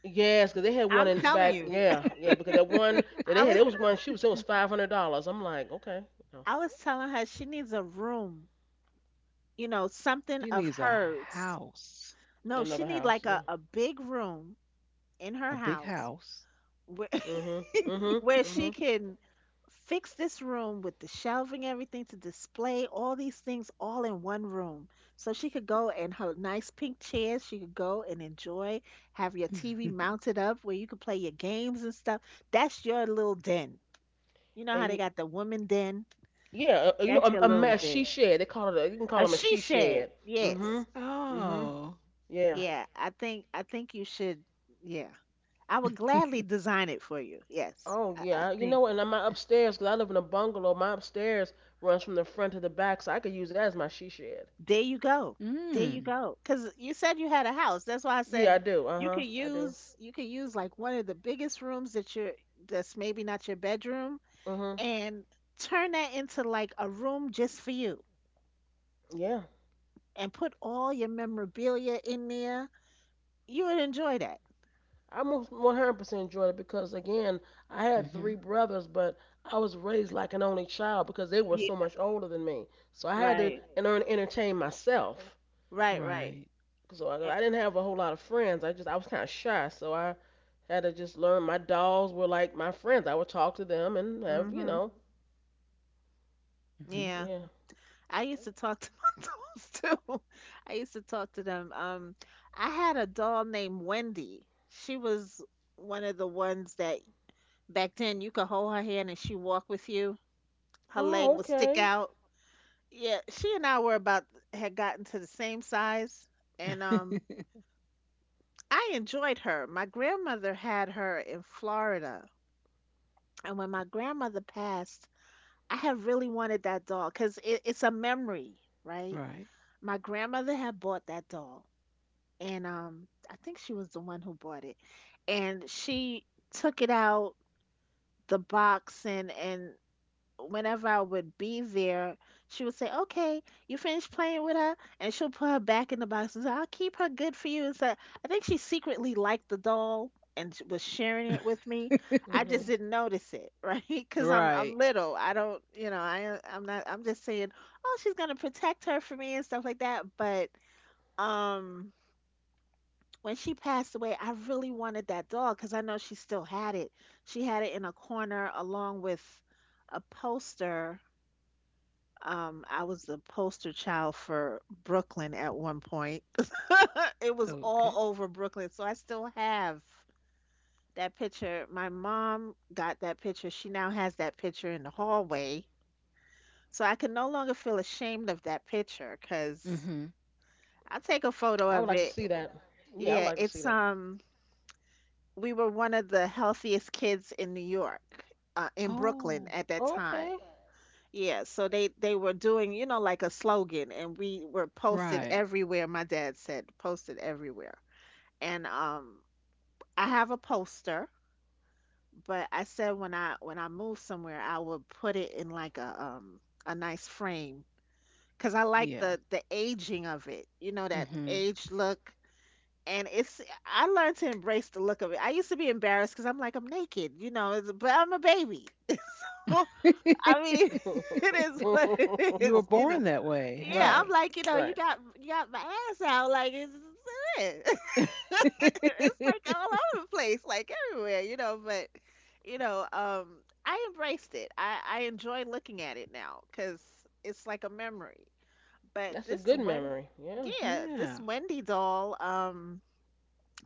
[SPEAKER 1] Yes, because they had one
[SPEAKER 2] I'm
[SPEAKER 1] in
[SPEAKER 2] telling
[SPEAKER 1] back.
[SPEAKER 2] you.
[SPEAKER 1] Yeah, yeah, because that one that
[SPEAKER 2] I
[SPEAKER 1] they had,
[SPEAKER 2] was
[SPEAKER 1] it was one. She was it was $500. I'm like, okay, no,
[SPEAKER 2] I was telling her she needs a room, you know, something
[SPEAKER 3] She
[SPEAKER 2] of
[SPEAKER 3] needs a
[SPEAKER 2] hers.
[SPEAKER 3] house,
[SPEAKER 2] No, she
[SPEAKER 1] another
[SPEAKER 2] need
[SPEAKER 1] house.
[SPEAKER 2] like
[SPEAKER 1] Yeah.
[SPEAKER 2] a big room in her
[SPEAKER 3] a big
[SPEAKER 2] house.
[SPEAKER 3] house.
[SPEAKER 2] Where
[SPEAKER 1] Mhm. Mhm.
[SPEAKER 2] where she
[SPEAKER 1] Mhm.
[SPEAKER 2] can fix this room with the shelving, everything to display all these things all in one room. So she could go in her nice pink chairs, she could go and enjoy, have your TV mounted up where you can play your games and stuff. That's your little den. You know how
[SPEAKER 1] And
[SPEAKER 2] they
[SPEAKER 1] you,
[SPEAKER 2] got the woman den?
[SPEAKER 1] yeah, you know,
[SPEAKER 2] That's your
[SPEAKER 1] a
[SPEAKER 2] little
[SPEAKER 1] mess. She
[SPEAKER 2] den.
[SPEAKER 1] shed. They call it. A, you can call
[SPEAKER 2] A
[SPEAKER 1] them a
[SPEAKER 2] she
[SPEAKER 1] she
[SPEAKER 2] shed.
[SPEAKER 1] shed. Mhm.
[SPEAKER 2] Yes.
[SPEAKER 1] Mhm.
[SPEAKER 3] Oh.
[SPEAKER 1] Yeah.
[SPEAKER 2] Yeah, I think you should, yeah. I would gladly design it for you. Yes.
[SPEAKER 1] Oh
[SPEAKER 2] I
[SPEAKER 1] yeah. You
[SPEAKER 2] think.
[SPEAKER 1] know, and my upstairs, 'cause I live in a bungalow. My upstairs runs from the front to the back, so I could use that as my she shed.
[SPEAKER 2] There you go. There you
[SPEAKER 3] Mm.
[SPEAKER 2] go. Because you said you had a house. That's why I
[SPEAKER 1] Yeah, I
[SPEAKER 2] said
[SPEAKER 1] do. Uh huh. I do.
[SPEAKER 2] you could use like one of the biggest rooms that you're that's maybe not your bedroom,
[SPEAKER 1] Mhm.
[SPEAKER 2] and turn that into like a room just for you
[SPEAKER 1] Yeah.
[SPEAKER 2] and put all your memorabilia in there. You would enjoy that.
[SPEAKER 1] I most 100% enjoyed it because again, I had
[SPEAKER 3] Hmm.
[SPEAKER 1] three brothers, but I was raised like an only child because they were so
[SPEAKER 2] Yeah.
[SPEAKER 1] much older than me. So I had to
[SPEAKER 2] Right.
[SPEAKER 1] and learn to entertain myself.
[SPEAKER 2] Right. Right.
[SPEAKER 3] Right.
[SPEAKER 1] So
[SPEAKER 2] Uh,
[SPEAKER 1] I didn't have a whole lot of friends. I was kind of shy, so I had to just learn. My dolls were like my friends. I would talk to them and have,
[SPEAKER 2] mhm.
[SPEAKER 3] Hmm.
[SPEAKER 2] Yeah.
[SPEAKER 1] yeah.
[SPEAKER 2] I used to talk to my dolls too. I used to talk to them. I had a doll named Wendy. She was one of the ones that back then you could hold her hand and she walk with you. Her leg
[SPEAKER 1] Oh,
[SPEAKER 2] would stick
[SPEAKER 1] okay.
[SPEAKER 2] out. Yeah, she and I were about had gotten to the same size, and I enjoyed her. My grandmother had her in Florida, and when my grandmother passed, I have really wanted that doll because it's a memory, right?
[SPEAKER 3] Right.
[SPEAKER 2] My grandmother had bought that doll, and I think she was the one who bought it. And she took it out the box and whenever I would be there, she would say, "Okay, you finished playing with her?" And she'll put her back in the box and say, "I'll keep her good for you." And so I think she secretly liked the doll and was sharing it with me. I just
[SPEAKER 1] Mhm.
[SPEAKER 2] didn't notice it, right? Because
[SPEAKER 3] Right.
[SPEAKER 2] I'm little. I don't, you know, I I'm not. I'm just saying, oh, she's gonna protect her for me and stuff like that. But um when she passed away, I really wanted that dog because I know she still had it. She had it in a corner along with a poster. I was the poster child for Brooklyn at one point. It was all
[SPEAKER 3] Okay.
[SPEAKER 2] over Brooklyn. So I still have that picture. My mom got that picture. She now has that picture in the hallway. So I can no longer feel ashamed of that picture because
[SPEAKER 3] Hmm.
[SPEAKER 1] I
[SPEAKER 2] I'll
[SPEAKER 1] would like
[SPEAKER 2] take
[SPEAKER 1] to
[SPEAKER 2] a
[SPEAKER 1] see
[SPEAKER 2] photo
[SPEAKER 1] that.
[SPEAKER 2] of it.
[SPEAKER 1] Yeah, I would like to see that.
[SPEAKER 2] Yeah, it's we were one of the healthiest kids in New York, in Brooklyn
[SPEAKER 3] Oh,
[SPEAKER 2] at that
[SPEAKER 1] Okay.
[SPEAKER 2] time. Yeah, so they were doing, you know, like a slogan, and we were posted
[SPEAKER 3] right.
[SPEAKER 2] everywhere. My dad said posted everywhere, and I have a poster, but I said when I move somewhere, I would put it in like a nice frame because I like
[SPEAKER 3] Yeah.
[SPEAKER 2] the aging of it, you know, that
[SPEAKER 3] Hmm.
[SPEAKER 2] age look, and it's I learned to embrace the look of it. I used to be embarrassed because I'm like I'm naked, you know, but I'm a baby. So I mean, it is what it
[SPEAKER 3] You were
[SPEAKER 2] is, you know.
[SPEAKER 3] born that way.
[SPEAKER 2] Yeah,
[SPEAKER 1] Right.
[SPEAKER 2] I'm
[SPEAKER 3] Hey.
[SPEAKER 2] like you know
[SPEAKER 1] Right.
[SPEAKER 2] you got my ass out like it's it. It's, like, all over the place, like everywhere, you know. But you know, I embraced it. I enjoy looking at it now because it's like a memory. But
[SPEAKER 1] That's a
[SPEAKER 2] this
[SPEAKER 1] good
[SPEAKER 2] one,
[SPEAKER 1] memory. Yeah.
[SPEAKER 2] yeah, this
[SPEAKER 3] Yeah.
[SPEAKER 2] Wendy doll,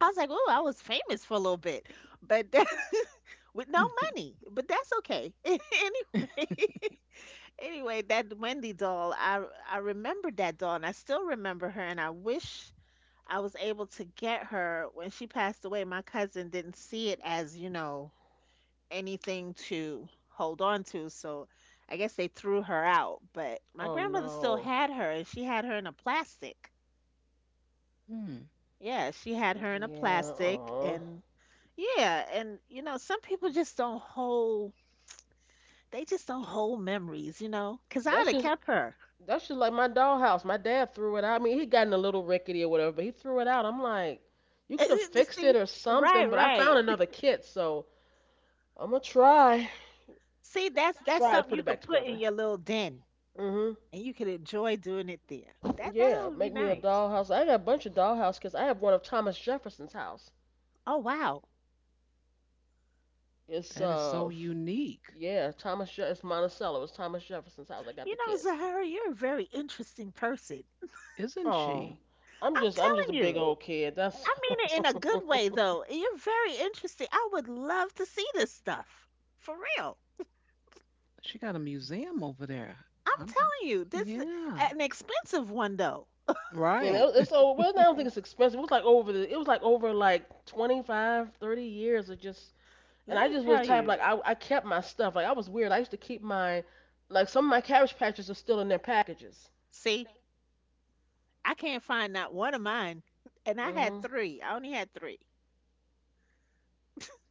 [SPEAKER 2] I was like, "Oh, I was famous for a little bit, but that, with no money, but that's okay." Anyway, anyway, that Wendy doll, I remember that doll, and I still remember her, and I wish I was able to get her when she passed away. My cousin didn't see it as, you know, anything to hold on to, so I guess they threw her out. But my
[SPEAKER 1] Oh
[SPEAKER 2] grandmother still
[SPEAKER 1] no.
[SPEAKER 2] had her, and she had her in a plastic.
[SPEAKER 3] Hmm.
[SPEAKER 2] Yeah, she had her in a
[SPEAKER 1] Yeah.
[SPEAKER 2] plastic,
[SPEAKER 1] Oh.
[SPEAKER 2] and yeah, and you know, some people just don't hold, they just don't hold memories, you know, 'cause I'd
[SPEAKER 1] That's
[SPEAKER 2] have
[SPEAKER 1] just
[SPEAKER 2] kept her.
[SPEAKER 1] that's just like my dollhouse. My dad threw it out. I mean, he gotten a little rickety or whatever, but he threw it out. I'm like, you could have fixed
[SPEAKER 2] See,
[SPEAKER 1] it or
[SPEAKER 2] right,
[SPEAKER 1] something, but I
[SPEAKER 2] right.
[SPEAKER 1] found another kit, so I'm gonna try,
[SPEAKER 2] See, that's
[SPEAKER 1] try to
[SPEAKER 2] something
[SPEAKER 1] put
[SPEAKER 2] you
[SPEAKER 1] it
[SPEAKER 2] could
[SPEAKER 1] back
[SPEAKER 2] put in
[SPEAKER 1] together.
[SPEAKER 2] your little den
[SPEAKER 1] Hmm.
[SPEAKER 2] and you could enjoy doing it there. That that
[SPEAKER 1] Yeah,
[SPEAKER 2] would be
[SPEAKER 1] make me a
[SPEAKER 2] nice.
[SPEAKER 1] dollhouse. I got a bunch of dollhouse because I have one of Thomas Jefferson's house.
[SPEAKER 2] Oh wow.
[SPEAKER 1] It's
[SPEAKER 3] That is so unique,
[SPEAKER 1] yeah, it's Monticello. It's Thomas Jefferson's house. I got
[SPEAKER 2] You
[SPEAKER 1] the
[SPEAKER 2] know,
[SPEAKER 1] kid.
[SPEAKER 2] Zahara, you're a very interesting person.
[SPEAKER 3] isn't
[SPEAKER 1] Oh,
[SPEAKER 3] she?
[SPEAKER 2] I'm
[SPEAKER 1] I'm just a
[SPEAKER 2] telling
[SPEAKER 1] big
[SPEAKER 2] you.
[SPEAKER 1] old kid. That's.
[SPEAKER 2] I mean it in a good way though. You're very interesting. I would love to see this stuff. For real.
[SPEAKER 3] She got a museum over there.
[SPEAKER 2] I'm
[SPEAKER 3] I'm the,
[SPEAKER 2] telling you, this is
[SPEAKER 3] yeah.
[SPEAKER 2] an expensive one though.
[SPEAKER 1] And
[SPEAKER 3] Right.
[SPEAKER 1] it's so well, I don't think it's expensive. It was like over the, it was like over like 25, 30 years of just, and
[SPEAKER 2] Let
[SPEAKER 1] I
[SPEAKER 2] me
[SPEAKER 1] just was
[SPEAKER 2] tell
[SPEAKER 1] type
[SPEAKER 2] you.
[SPEAKER 1] like I kept my stuff. Like I was weird. I used to keep my, like some of my cabbage patches are still in their packages.
[SPEAKER 2] See, I can't find not one of mine. And I had
[SPEAKER 1] Mhm.
[SPEAKER 2] three. I only had three.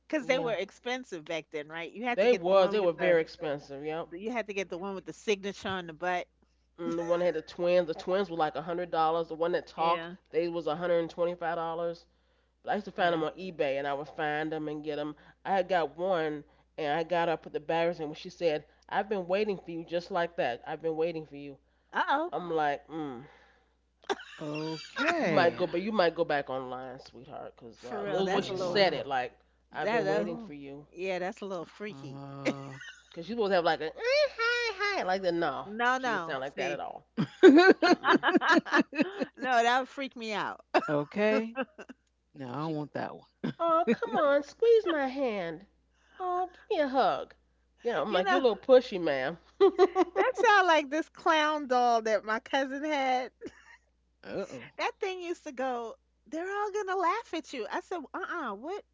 [SPEAKER 2] Because they were
[SPEAKER 1] Yeah.
[SPEAKER 2] expensive back then, right? You had to
[SPEAKER 1] They
[SPEAKER 2] get the
[SPEAKER 1] was.
[SPEAKER 2] one
[SPEAKER 1] They were
[SPEAKER 2] with
[SPEAKER 1] very expensive. Yep.
[SPEAKER 2] you had to get the one with the signature on the butt.
[SPEAKER 1] Mm, the one that had the twins. The twins were like $100. The one that talked,
[SPEAKER 2] Yeah,
[SPEAKER 1] they was $125. But I used to find them
[SPEAKER 2] yeah.
[SPEAKER 1] on eBay, and I would find them and get them. I had got one, and I got up put the barriers, and when she said, "I've been waiting for you," just like that, I've been waiting for you.
[SPEAKER 2] Uh oh.
[SPEAKER 1] I'm like, mm, you might
[SPEAKER 3] Okay.
[SPEAKER 1] go, but you might go back online, sweetheart, 'cause
[SPEAKER 2] For
[SPEAKER 1] the
[SPEAKER 2] real.
[SPEAKER 1] way
[SPEAKER 2] That's a
[SPEAKER 1] she
[SPEAKER 3] Oh,
[SPEAKER 2] little
[SPEAKER 1] said it,
[SPEAKER 3] wow.
[SPEAKER 1] like, I've
[SPEAKER 2] that,
[SPEAKER 1] been
[SPEAKER 2] that
[SPEAKER 1] waiting for
[SPEAKER 3] Oh.
[SPEAKER 1] you.
[SPEAKER 2] yeah, that's a little freaky.
[SPEAKER 1] 'Cause she supposed to have like a "Eh, hi hi like that. No,
[SPEAKER 2] No,
[SPEAKER 1] she didn't
[SPEAKER 2] no.
[SPEAKER 1] sound like that at
[SPEAKER 2] See.
[SPEAKER 1] all.
[SPEAKER 3] Uh,
[SPEAKER 1] Mm-mm.
[SPEAKER 2] No, that would freak me out.
[SPEAKER 3] okay. No, I don't
[SPEAKER 1] She,
[SPEAKER 3] want that one.
[SPEAKER 1] oh, come on, squeeze my hand. Oh, give me a hug. Yeah, I'm
[SPEAKER 2] You
[SPEAKER 1] like, you're a
[SPEAKER 2] know,
[SPEAKER 1] little pushy, ma'am.
[SPEAKER 2] that sound like this clown doll that my cousin had.
[SPEAKER 3] Uh-oh.
[SPEAKER 2] That thing used to go, they're all gonna laugh at you. I said, uh-uh, what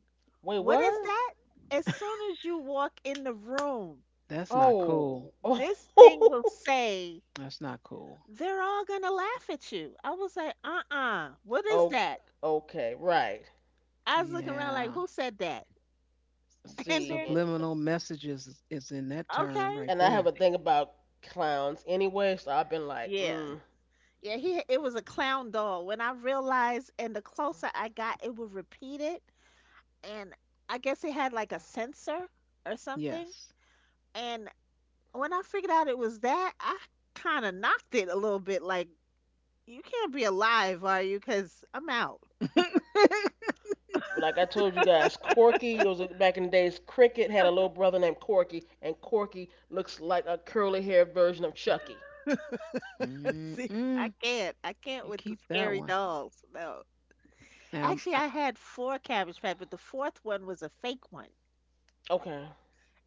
[SPEAKER 1] Wait,
[SPEAKER 2] what is
[SPEAKER 1] what?
[SPEAKER 2] that? As soon as you walk in the room,
[SPEAKER 3] That's not
[SPEAKER 1] Oh,
[SPEAKER 3] cool.
[SPEAKER 2] this thing will
[SPEAKER 1] oh,
[SPEAKER 2] say,
[SPEAKER 3] That's not cool.
[SPEAKER 2] they're all gonna laugh at you. I was like, uh-uh, what is
[SPEAKER 1] oh,
[SPEAKER 2] that?
[SPEAKER 1] okay, right.
[SPEAKER 2] I was looking around like,
[SPEAKER 3] Yeah.
[SPEAKER 2] who said that? And
[SPEAKER 1] See,
[SPEAKER 2] then,
[SPEAKER 1] and,
[SPEAKER 3] Subliminal messages is in that
[SPEAKER 2] okay,
[SPEAKER 3] term right
[SPEAKER 1] and I have a
[SPEAKER 3] there.
[SPEAKER 1] thing about clowns anyway, so I've been like,
[SPEAKER 2] yeah.
[SPEAKER 1] mm.
[SPEAKER 2] Yeah, he it was a clown doll. When I realized and the closer I got, it would repeat it. And I guess it had like a sensor or something.
[SPEAKER 3] Yes.
[SPEAKER 2] And when I figured out it was that, I kind of knocked it a little bit. Like, you can't be alive, are you? Because I'm out.
[SPEAKER 1] Like I told you guys, Corky, it was back in the days, Cricket had a little brother named Corky, and Corky looks like a curly haired version of Chucky.
[SPEAKER 2] See, I
[SPEAKER 3] Mm-mm.
[SPEAKER 2] can't. I can't
[SPEAKER 3] You
[SPEAKER 2] with the
[SPEAKER 3] keep that
[SPEAKER 2] scary
[SPEAKER 3] one.
[SPEAKER 2] dolls. No.
[SPEAKER 3] Now,
[SPEAKER 2] Actually,
[SPEAKER 3] uh
[SPEAKER 2] I had four Cabbage Patch, but the fourth one was a fake one.
[SPEAKER 1] Okay.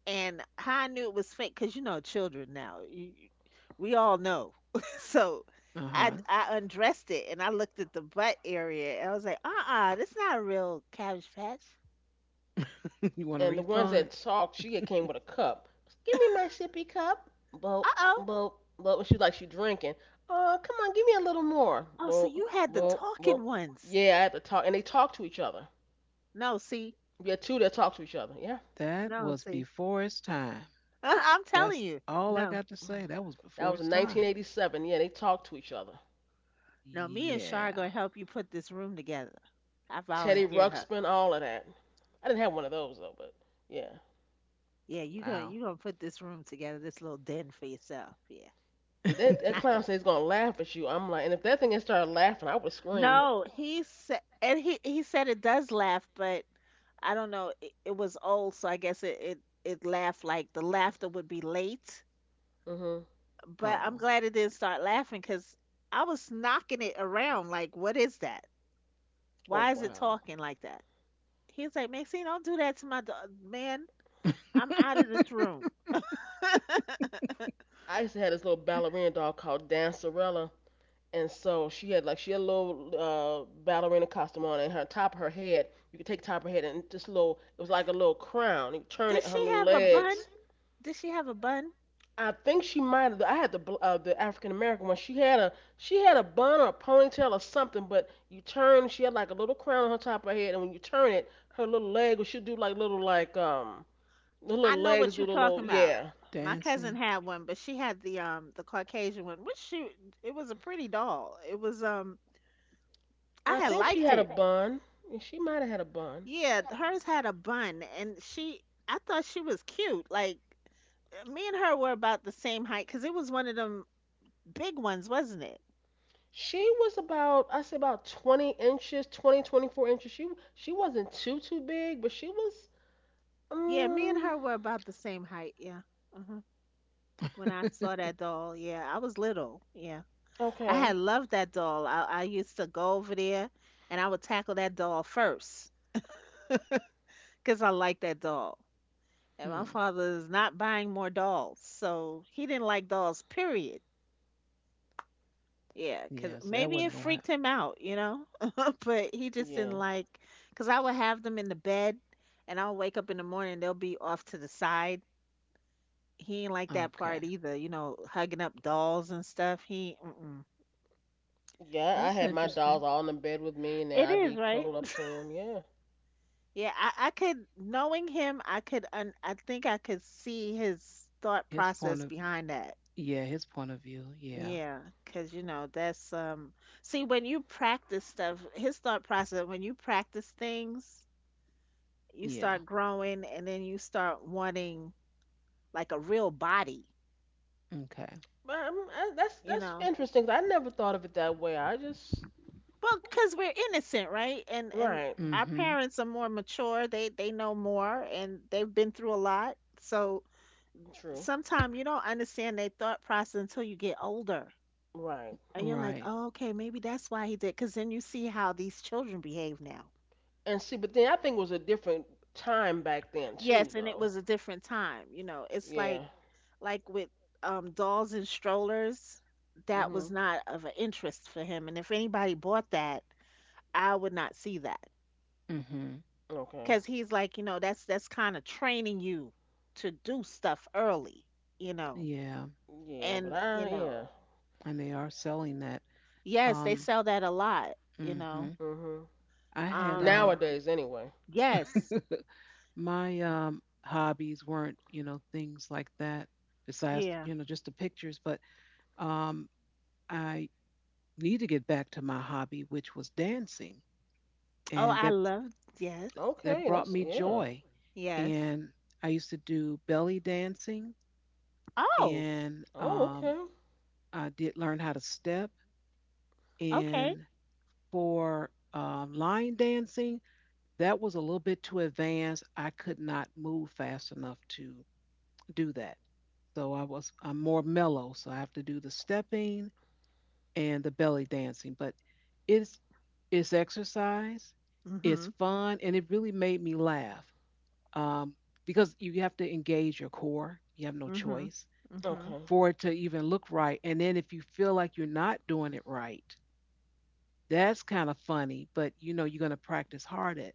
[SPEAKER 2] And how I knew it was fake, because you know children now. We all know. So
[SPEAKER 3] huh.
[SPEAKER 2] I undressed it and I looked at the butt area and I was like, uh-uh, this not a real Cabbage Patch.
[SPEAKER 3] You want a
[SPEAKER 1] And the ones
[SPEAKER 3] refund?
[SPEAKER 1] that talked, she had came with a cup. Give me my sippy cup. Boop,
[SPEAKER 2] Uh-oh.
[SPEAKER 1] boop, boop. She was like she drinking. Oh, come on, give me a little more.
[SPEAKER 2] Oh, so
[SPEAKER 1] Boop,
[SPEAKER 2] you had the
[SPEAKER 1] boop, boop.
[SPEAKER 2] talking ones.
[SPEAKER 1] Yeah, I have to talk. And they talked to each other.
[SPEAKER 2] No, see,
[SPEAKER 1] We had two that talked to each other. Yeah.
[SPEAKER 3] That
[SPEAKER 2] no,
[SPEAKER 3] was
[SPEAKER 2] see.
[SPEAKER 3] before its time.
[SPEAKER 2] I'm telling
[SPEAKER 3] That's
[SPEAKER 2] you,
[SPEAKER 3] all I
[SPEAKER 2] no,
[SPEAKER 3] got to say. That was
[SPEAKER 1] That
[SPEAKER 3] before
[SPEAKER 1] was
[SPEAKER 3] its
[SPEAKER 1] in
[SPEAKER 3] time.
[SPEAKER 1] 1987. Yeah, they talked to each other.
[SPEAKER 2] no. Me and
[SPEAKER 3] Yeah.
[SPEAKER 2] Shar gonna help you put this room together. I
[SPEAKER 1] Teddy
[SPEAKER 2] volunteered her.
[SPEAKER 1] Ruxpin, all of that. I didn't have one of those, though, but yeah.
[SPEAKER 2] Yeah,
[SPEAKER 3] Wow.
[SPEAKER 2] you gonna put this room together, this little den for yourself. Yeah.
[SPEAKER 1] Yeah, that
[SPEAKER 2] Nah.
[SPEAKER 1] clown said he's going to laugh at you. I'm like, and if that thing had started laughing, I would have screamed.
[SPEAKER 2] No, he said, and he said it does laugh, but I don't know. It was old, so I guess it laughed like the laughter would be late.
[SPEAKER 1] Hmm.
[SPEAKER 2] But I'm
[SPEAKER 3] Oh.
[SPEAKER 2] glad it didn't start laughing because I was knocking it around. Like, what is that?
[SPEAKER 1] Oh,
[SPEAKER 2] Why is it
[SPEAKER 1] wow.
[SPEAKER 2] talking like that? He's like, Maxine, don't do that to my dog, man. I'm out of this room.
[SPEAKER 1] I used to have this little ballerina doll called Dancerella, and so she had a little ballerina costume on, and her top of her head, you could take the top of her head and just little, it was like a little crown. You turn
[SPEAKER 2] Did
[SPEAKER 1] it her
[SPEAKER 2] she
[SPEAKER 1] little
[SPEAKER 2] have a bun?
[SPEAKER 1] legs.
[SPEAKER 2] Did she have a bun?
[SPEAKER 1] I think she might have. I had the African American one. She had a bun or a ponytail or something, but you turn, she had like a little crown on her top of her head, and when you turn it, her little leg, would she'd do like little like the
[SPEAKER 2] I
[SPEAKER 1] little
[SPEAKER 2] know
[SPEAKER 1] legs
[SPEAKER 2] what
[SPEAKER 1] do
[SPEAKER 2] you're
[SPEAKER 1] the little
[SPEAKER 2] talking about.
[SPEAKER 1] yeah.
[SPEAKER 2] My cousin
[SPEAKER 3] Dancing.
[SPEAKER 2] had one, but she had the Caucasian one, which she it was a pretty doll. It was I
[SPEAKER 1] I
[SPEAKER 2] had
[SPEAKER 1] think she
[SPEAKER 2] liked
[SPEAKER 1] had a
[SPEAKER 2] it.
[SPEAKER 1] bun. She might have had a bun.
[SPEAKER 2] Yeah, hers had a bun, and she I thought she was cute. Like me and her were about the same height, cause it was one of them big ones, wasn't it?
[SPEAKER 1] She was about, I say about 20 inches, 20 24 inches. She wasn't too too big, but she was
[SPEAKER 2] Yeah, me and
[SPEAKER 1] um
[SPEAKER 2] her were about the same height. Yeah. Uh-huh. When I saw that doll, yeah, I was little. Yeah. I
[SPEAKER 1] okay.
[SPEAKER 2] had loved that doll. I used to go over there and I would tackle that doll first because I liked that doll. And my
[SPEAKER 3] Hmm.
[SPEAKER 2] father is not buying more dolls. So he didn't like dolls, period. Yeah, because
[SPEAKER 3] Yeah, so that
[SPEAKER 2] maybe it
[SPEAKER 3] wasn't gonna
[SPEAKER 2] freaked
[SPEAKER 3] happen.
[SPEAKER 2] him out, you know? But he just didn't
[SPEAKER 1] Yeah.
[SPEAKER 2] like, because I would have them in the bed and I'll wake up in the morning, they'll be off to the side. He ain't like that
[SPEAKER 3] Okay.
[SPEAKER 2] part either, you know, hugging up dolls and stuff. He, mm-mm.
[SPEAKER 1] Yeah, I
[SPEAKER 3] That's
[SPEAKER 1] had my
[SPEAKER 3] interesting.
[SPEAKER 1] dolls all in the bed with me and then
[SPEAKER 2] It
[SPEAKER 1] I'd
[SPEAKER 2] is,
[SPEAKER 1] be
[SPEAKER 2] right?
[SPEAKER 1] cuddled up to them. Yeah.
[SPEAKER 2] Yeah, I could knowing him, I could I think I could see his thought
[SPEAKER 3] His point
[SPEAKER 2] process
[SPEAKER 3] of,
[SPEAKER 2] behind that.
[SPEAKER 3] yeah, his point of view. Yeah.
[SPEAKER 2] Yeah, because you know that's See, when you practice stuff, his thought process. When you practice things, you
[SPEAKER 3] Yeah.
[SPEAKER 2] start growing, and then you start wanting like a real body.
[SPEAKER 3] Okay.
[SPEAKER 1] But
[SPEAKER 2] You
[SPEAKER 1] that's
[SPEAKER 2] know,
[SPEAKER 1] interesting, 'cause I never thought of it that way. I just
[SPEAKER 2] well, because we're innocent, right? And
[SPEAKER 1] right.
[SPEAKER 2] our
[SPEAKER 3] Mm-hmm.
[SPEAKER 2] parents are more mature. They know more, and they've been through a lot. So
[SPEAKER 1] True.
[SPEAKER 2] sometimes you don't understand their thought process until you get older.
[SPEAKER 1] Right.
[SPEAKER 2] And you're like,
[SPEAKER 3] Right.
[SPEAKER 2] oh, okay, maybe that's why he did. Because then you see how these children behave now.
[SPEAKER 1] And see, but then I think it was a different time back then too
[SPEAKER 2] Yes, and it
[SPEAKER 1] though.
[SPEAKER 2] was a different time. You know, it's
[SPEAKER 1] Yeah.
[SPEAKER 2] like with dolls and strollers, that was
[SPEAKER 1] Mhm.
[SPEAKER 2] not of an interest for him. And if anybody bought that, I would not see that.
[SPEAKER 3] Mm-hmm.
[SPEAKER 1] Okay.
[SPEAKER 2] Because he's like, you know, that's kind of training you to do stuff early. You know,
[SPEAKER 3] Yeah.
[SPEAKER 1] Yeah, but
[SPEAKER 2] and you
[SPEAKER 1] I yeah.
[SPEAKER 2] know,
[SPEAKER 3] And they are selling that.
[SPEAKER 2] yes, they
[SPEAKER 3] Um,
[SPEAKER 2] sell that a lot. You know,
[SPEAKER 3] mm-hmm.
[SPEAKER 1] Mhm.
[SPEAKER 3] I had
[SPEAKER 2] um,
[SPEAKER 1] Nowadays anyway.
[SPEAKER 2] yes,
[SPEAKER 3] my hobbies weren't, you know, things like that, besides,
[SPEAKER 2] yeah.
[SPEAKER 3] you know, just the pictures, but um I need to get back to my hobby, which was dancing.
[SPEAKER 2] Oh,
[SPEAKER 3] And
[SPEAKER 2] I
[SPEAKER 3] that
[SPEAKER 2] love yes.
[SPEAKER 3] that
[SPEAKER 1] Okay,
[SPEAKER 3] brought
[SPEAKER 1] that's
[SPEAKER 3] me
[SPEAKER 1] yeah.
[SPEAKER 3] joy.
[SPEAKER 2] Yes.
[SPEAKER 3] And I used to do belly dancing
[SPEAKER 2] Oh,
[SPEAKER 3] and
[SPEAKER 1] Oh, okay.
[SPEAKER 3] I did learn how to step
[SPEAKER 2] okay.
[SPEAKER 3] and for line dancing, that was a little bit too advanced. I could not move fast enough to do that. So I'm more mellow, so I have to do the stepping and the belly dancing. But it's it's exercise, it's
[SPEAKER 2] Mhm.
[SPEAKER 3] fun, and it really made me laugh, um, because you have to engage your core. You have no
[SPEAKER 2] Mhm.
[SPEAKER 3] choice
[SPEAKER 2] Mhm.
[SPEAKER 1] Okay.
[SPEAKER 3] for it to even look right. And then if you feel like you're not doing it right, that's kind of funny, but you know you're going to practice hard at.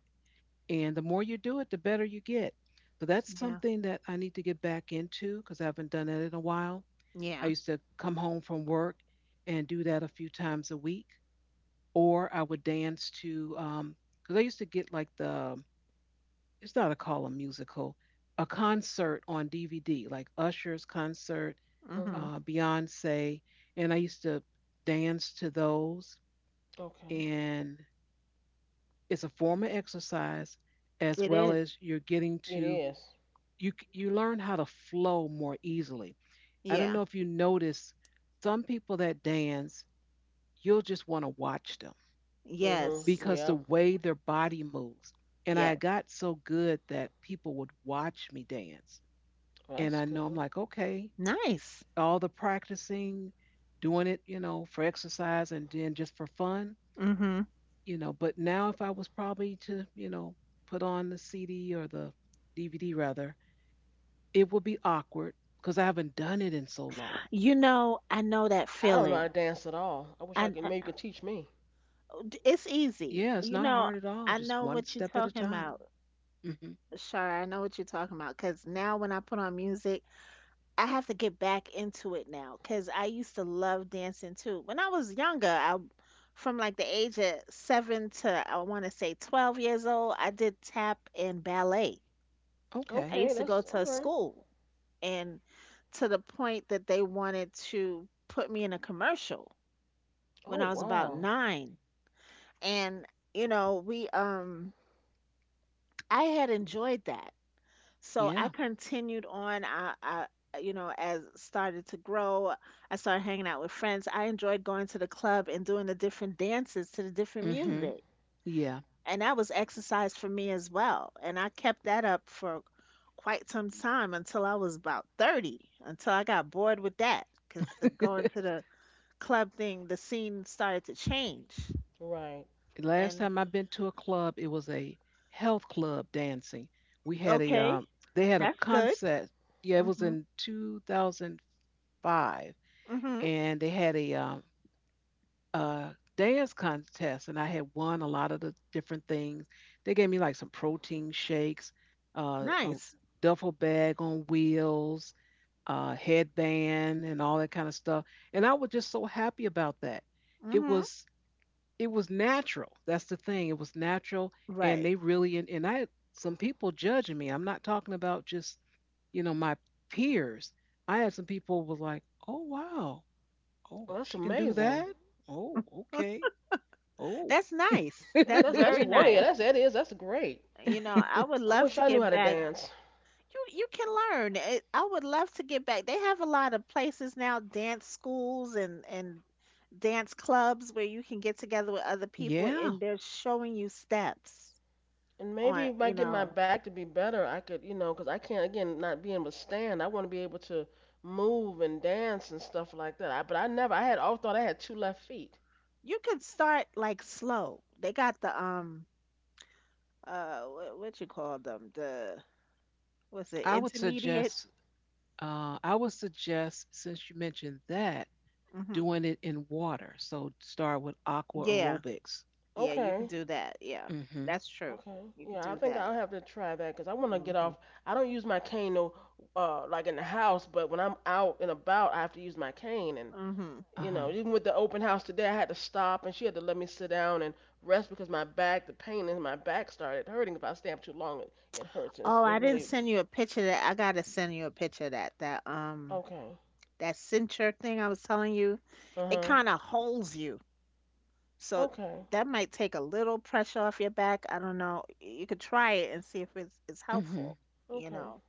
[SPEAKER 3] And the more you do it, the better you get. So that's
[SPEAKER 2] Yeah.
[SPEAKER 3] something that I need to get back into because I haven't done that in a while. I
[SPEAKER 2] Yeah.
[SPEAKER 3] used to come home from work and do that a few times a week, or I would dance to, because I used to get like the, it's not a call a musical, a concert on DVD, like Usher's concert,
[SPEAKER 1] Mhm.
[SPEAKER 2] Mhm.
[SPEAKER 3] Beyonce, and I used to dance to those.
[SPEAKER 1] Okay.
[SPEAKER 3] And it's a form of exercise as
[SPEAKER 2] It
[SPEAKER 3] well
[SPEAKER 2] is.
[SPEAKER 3] as you're getting
[SPEAKER 1] It
[SPEAKER 3] to,
[SPEAKER 1] is.
[SPEAKER 3] you learn how to flow more easily. I don't
[SPEAKER 2] Yeah.
[SPEAKER 3] know if you notice some people that dance, you'll just want to watch them
[SPEAKER 1] Mhm.
[SPEAKER 2] Yes.
[SPEAKER 3] because the
[SPEAKER 1] Yep.
[SPEAKER 3] way their body moves. And I
[SPEAKER 2] Yes.
[SPEAKER 3] got so good that people would watch me dance.
[SPEAKER 1] Well,
[SPEAKER 3] And
[SPEAKER 1] that's
[SPEAKER 3] I know I'm
[SPEAKER 1] good.
[SPEAKER 3] like, okay,
[SPEAKER 2] Nice.
[SPEAKER 3] all the practicing, doing it, you know, for exercise and then just for fun,
[SPEAKER 2] Mhm.
[SPEAKER 3] you know. But now, if I was probably to, you know, put on the CD or the DVD rather, it would be awkward because I haven't done it in so long.
[SPEAKER 2] You know, I know that
[SPEAKER 1] I don't know how to
[SPEAKER 2] feeling.
[SPEAKER 1] dance at all. I wish I
[SPEAKER 2] And
[SPEAKER 1] could. Maybe you could teach me.
[SPEAKER 2] it's easy.
[SPEAKER 3] Yeah, it's
[SPEAKER 2] You
[SPEAKER 3] not
[SPEAKER 2] know,
[SPEAKER 3] hard at all.
[SPEAKER 2] I
[SPEAKER 3] Just
[SPEAKER 2] know
[SPEAKER 3] one
[SPEAKER 2] what you're
[SPEAKER 3] step at a
[SPEAKER 2] talking
[SPEAKER 3] time.
[SPEAKER 2] about,
[SPEAKER 3] Hmm.
[SPEAKER 2] Shar. I know what you're talking about. Because now when I put on music, I have to get back into it now because I used to love dancing too. When I was younger, I from like the age of seven to I want to say 12 years old, I did tap and ballet. I
[SPEAKER 3] Okay.
[SPEAKER 1] Okay,
[SPEAKER 2] used to go
[SPEAKER 1] that's
[SPEAKER 2] to
[SPEAKER 1] all
[SPEAKER 2] a
[SPEAKER 1] right.
[SPEAKER 2] school and to the point that they wanted to put me in a commercial when
[SPEAKER 1] Oh
[SPEAKER 2] I was about
[SPEAKER 1] wow.
[SPEAKER 2] nine. And you know, we I had enjoyed that. So I
[SPEAKER 3] Yeah.
[SPEAKER 2] continued on. You know, as started to grow, I started hanging out with friends. I enjoyed going to the club and doing the different dances to the different
[SPEAKER 3] Hmm.
[SPEAKER 2] music.
[SPEAKER 3] Yeah.
[SPEAKER 2] And that was exercise for me as well. And I kept that up for quite some time until I was about 30, until I got bored with that because the going to the club thing, the scene started to change.
[SPEAKER 1] Right.
[SPEAKER 3] Last
[SPEAKER 2] And
[SPEAKER 3] time I've been to a club, it was a health club dancing. We had a
[SPEAKER 2] okay,
[SPEAKER 3] They had a
[SPEAKER 2] that's good.
[SPEAKER 3] concert. Yeah, it was
[SPEAKER 2] Hmm.
[SPEAKER 3] in 2005,
[SPEAKER 2] Hmm.
[SPEAKER 3] and they had a dance contest, and I had won a lot of the different things. They gave me like some protein shakes, a
[SPEAKER 2] Nice.
[SPEAKER 3] duffel bag on wheels, headband and all that kind of stuff. And I was just so happy about that. It
[SPEAKER 2] Hmm.
[SPEAKER 3] was it was natural. That's the thing. It was natural, and
[SPEAKER 2] Right.
[SPEAKER 3] they really and I had some people judging me. I'm not talking about just, you know, my peers. I had some people was like, oh wow,
[SPEAKER 1] Well,
[SPEAKER 3] oh
[SPEAKER 1] that's
[SPEAKER 3] she can do
[SPEAKER 1] amazing.
[SPEAKER 3] that. Oh okay, oh.
[SPEAKER 2] That's nice. That's
[SPEAKER 1] That's
[SPEAKER 2] very
[SPEAKER 1] one.
[SPEAKER 2] nice.
[SPEAKER 1] Yeah, that's that is. That's great.
[SPEAKER 2] You know, I would
[SPEAKER 1] I
[SPEAKER 2] love
[SPEAKER 1] wish
[SPEAKER 2] to
[SPEAKER 1] I knew how
[SPEAKER 2] get
[SPEAKER 1] to
[SPEAKER 2] back.
[SPEAKER 1] dance.
[SPEAKER 2] You can learn. It, I would love to get back. They have a lot of places now, dance schools and dance clubs where you can get together with other people
[SPEAKER 3] Yeah.
[SPEAKER 2] and they're showing you steps
[SPEAKER 1] And maybe
[SPEAKER 2] on,
[SPEAKER 1] if I
[SPEAKER 2] you
[SPEAKER 1] get my
[SPEAKER 2] know.
[SPEAKER 1] back to be better, I could, you know, 'cause I can't again not being able to stand. I want to be able to move and dance and stuff like that. But I never. I had all thought I had two left feet.
[SPEAKER 2] You could start like slow. They got the what you call them? The what's it?
[SPEAKER 3] I would
[SPEAKER 2] Intermediate.
[SPEAKER 3] suggest. I would suggest since you mentioned that
[SPEAKER 2] Mhm.
[SPEAKER 3] doing it in water. So start with aqua
[SPEAKER 2] Yeah.
[SPEAKER 3] aerobics.
[SPEAKER 2] Yeah, you could
[SPEAKER 1] Okay.
[SPEAKER 2] do that. Yeah.
[SPEAKER 3] Mm-hmm.
[SPEAKER 2] That's true.
[SPEAKER 1] Okay.
[SPEAKER 2] You could
[SPEAKER 1] Yeah, I
[SPEAKER 2] do
[SPEAKER 1] think
[SPEAKER 2] that.
[SPEAKER 1] I'll have to try that because I want to get
[SPEAKER 2] Mhm.
[SPEAKER 1] off. I don't use my cane no, like in the house, but when I'm out and about, I have to use my cane. And
[SPEAKER 2] Mhm.
[SPEAKER 1] you know,
[SPEAKER 3] Uh-huh.
[SPEAKER 1] even with the open house today, I had to stop, and she had to let me sit down and rest because my back, the pain in my back started hurting. If I stand up too long, it hurts. And it's
[SPEAKER 2] Oh,
[SPEAKER 1] it
[SPEAKER 2] I didn't
[SPEAKER 1] really
[SPEAKER 2] send you a picture of that. I gotta send you a picture of that.
[SPEAKER 1] okay.
[SPEAKER 2] That cincher thing I was telling you.
[SPEAKER 1] Uh
[SPEAKER 2] It
[SPEAKER 1] huh.
[SPEAKER 2] kind of holds you. So
[SPEAKER 1] Okay.
[SPEAKER 2] that might take a little pressure off your back. I don't know. You could try it and see if it's
[SPEAKER 3] Mm-hmm.
[SPEAKER 2] helpful, you
[SPEAKER 1] Okay.
[SPEAKER 2] know.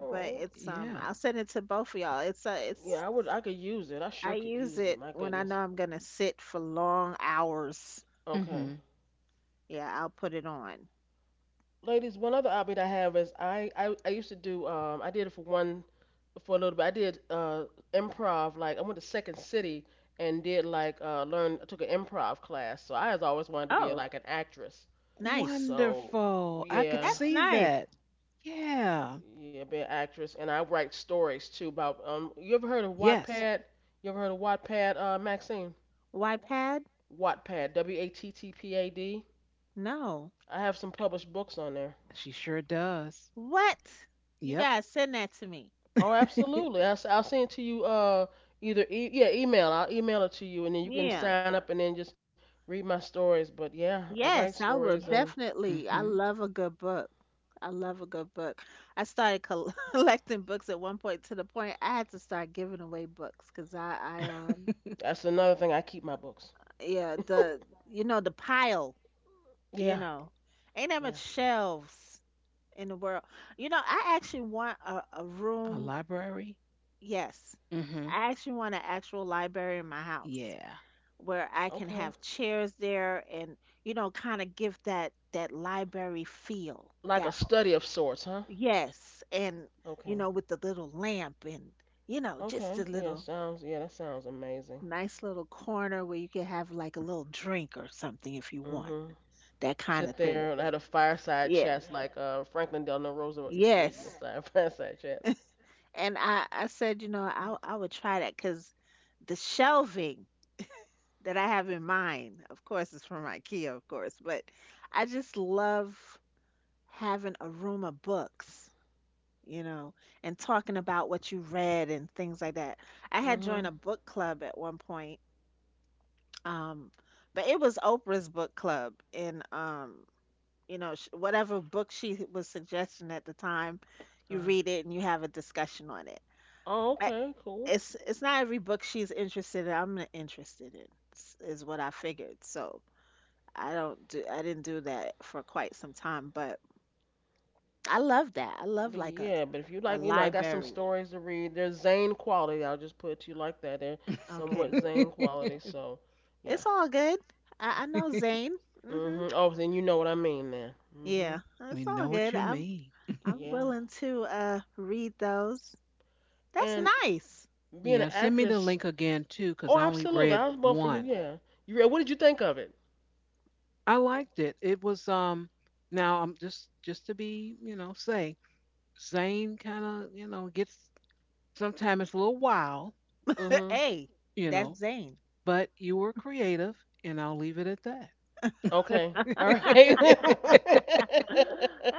[SPEAKER 1] All
[SPEAKER 2] But
[SPEAKER 1] right.
[SPEAKER 2] it's
[SPEAKER 3] Yeah.
[SPEAKER 2] I'll send it to both of y'all. It's
[SPEAKER 1] Yeah, I would. I could use it. I sure
[SPEAKER 2] I
[SPEAKER 1] could
[SPEAKER 2] use
[SPEAKER 1] use it.
[SPEAKER 2] it
[SPEAKER 1] My
[SPEAKER 2] when I know
[SPEAKER 1] goodness.
[SPEAKER 2] I'm gonna sit for long hours.
[SPEAKER 1] Okay.
[SPEAKER 3] Mm-hmm.
[SPEAKER 2] Yeah, I'll put it on.
[SPEAKER 1] Ladies, one other hobby that I have is I used to do I did it for one for a little bit. I did improv, like I went to Second City and did like learn I took an improv class. So I has always wanted to be
[SPEAKER 2] Oh,
[SPEAKER 1] like an actress.
[SPEAKER 2] nice.
[SPEAKER 1] So
[SPEAKER 3] Wonderful. I could
[SPEAKER 1] yeah,
[SPEAKER 2] That's
[SPEAKER 3] see
[SPEAKER 2] nice.
[SPEAKER 3] that. Yeah.
[SPEAKER 1] yeah, be an actress and I write stories too about you ever heard of
[SPEAKER 3] Yes,
[SPEAKER 1] Wattpad? You ever heard of Wattpad Maxine?
[SPEAKER 2] Why pad?
[SPEAKER 1] Wattpad, W A T T P A D.
[SPEAKER 2] No.
[SPEAKER 1] I have some published books on there.
[SPEAKER 3] she sure does.
[SPEAKER 2] What? You
[SPEAKER 3] Yep.
[SPEAKER 2] guys send that to me.
[SPEAKER 1] Oh, absolutely. Will send it to you. Yeah, email. I'll email it to you, and then you can
[SPEAKER 2] Yeah.
[SPEAKER 1] sign up, and then just read my stories. But yeah, I write
[SPEAKER 2] Yes, I
[SPEAKER 1] stories,
[SPEAKER 2] will
[SPEAKER 1] and
[SPEAKER 2] definitely. I
[SPEAKER 3] Mm-hmm.
[SPEAKER 2] love a good book. I love a good book. I started col- collecting books at one point to the point I had to start giving away books because
[SPEAKER 1] that's another thing. I keep my books.
[SPEAKER 2] yeah, you know, the pile, you
[SPEAKER 1] Yeah,
[SPEAKER 2] know, ain't that much
[SPEAKER 1] yeah.
[SPEAKER 2] shelves in the world. You know, I actually want a
[SPEAKER 3] A
[SPEAKER 2] room.
[SPEAKER 3] library?
[SPEAKER 2] Yes.
[SPEAKER 3] Mm-hmm.
[SPEAKER 2] I actually want an actual library in my house,
[SPEAKER 3] Yeah.
[SPEAKER 2] where I can
[SPEAKER 1] Okay.
[SPEAKER 2] have chairs there and you know kind of give that library feel
[SPEAKER 1] Like a
[SPEAKER 2] that
[SPEAKER 1] study of sorts, huh?
[SPEAKER 2] yes, and you know
[SPEAKER 1] Okay.
[SPEAKER 2] with the little lamp and you know just a
[SPEAKER 1] Okay. Yeah.
[SPEAKER 2] little
[SPEAKER 1] Sounds. Yeah. That sounds amazing.
[SPEAKER 2] nice little corner where you can have like a little drink or something if you want
[SPEAKER 1] Mhm.
[SPEAKER 2] that kind of
[SPEAKER 1] Sit
[SPEAKER 2] thing,
[SPEAKER 1] there and had a fireside
[SPEAKER 2] yes,
[SPEAKER 1] chats like Franklin Delano Roosevelt used to do.
[SPEAKER 2] yes,
[SPEAKER 1] Inside fireside chats.
[SPEAKER 2] and I said, you know, I would try that because the shelving that I have in mind of course is from IKEA of course, but I just love having a room of books, you know, and talking about what you read and things like that. I had joined
[SPEAKER 1] Mhm.
[SPEAKER 2] a book club at one point, um, but it was Oprah's book club, and you know, whatever book she was suggesting at the time,
[SPEAKER 1] Uh
[SPEAKER 2] you
[SPEAKER 1] huh.
[SPEAKER 2] read it and you have a discussion on it.
[SPEAKER 1] Oh,
[SPEAKER 2] But
[SPEAKER 1] okay. Cool.
[SPEAKER 2] it's not every book she's interested in. I'm not interested in, is what I figured. So I didn't do that for quite some time, but I love that. I love
[SPEAKER 1] But
[SPEAKER 2] like
[SPEAKER 1] yeah, but if you
[SPEAKER 2] a
[SPEAKER 1] like, I got some
[SPEAKER 2] library.
[SPEAKER 1] stories to read. They're Zane quality. I'll just put it to you like that. They're
[SPEAKER 2] Okay.
[SPEAKER 1] somewhat Zane quality. So yeah.
[SPEAKER 2] It's all good. I know Zane. Hmm.
[SPEAKER 1] Mhm. Oh, then you know what I mean then. Mhm.
[SPEAKER 2] Yeah,
[SPEAKER 3] We
[SPEAKER 2] it's all
[SPEAKER 3] know what
[SPEAKER 2] good.
[SPEAKER 3] you mean.
[SPEAKER 2] I'm
[SPEAKER 1] Yeah.
[SPEAKER 2] willing to read those. That's
[SPEAKER 1] And
[SPEAKER 2] nice.
[SPEAKER 1] being
[SPEAKER 3] Yeah,
[SPEAKER 1] an
[SPEAKER 3] send me the
[SPEAKER 1] actress.
[SPEAKER 3] link again too, because
[SPEAKER 1] Oh,
[SPEAKER 3] I only
[SPEAKER 1] absolutely.
[SPEAKER 3] read
[SPEAKER 1] I was both for you.
[SPEAKER 3] one.
[SPEAKER 1] Yeah. You read? What did you think of it?
[SPEAKER 3] I liked it. It was now I'm just to be, you know, say Zane kind of, you know, gets sometimes it's a little wild,
[SPEAKER 1] Mhm.
[SPEAKER 2] Hey,
[SPEAKER 3] you
[SPEAKER 2] that's
[SPEAKER 3] know,
[SPEAKER 2] Zane.
[SPEAKER 3] but you were creative and I'll leave it at that.
[SPEAKER 1] Okay. All right.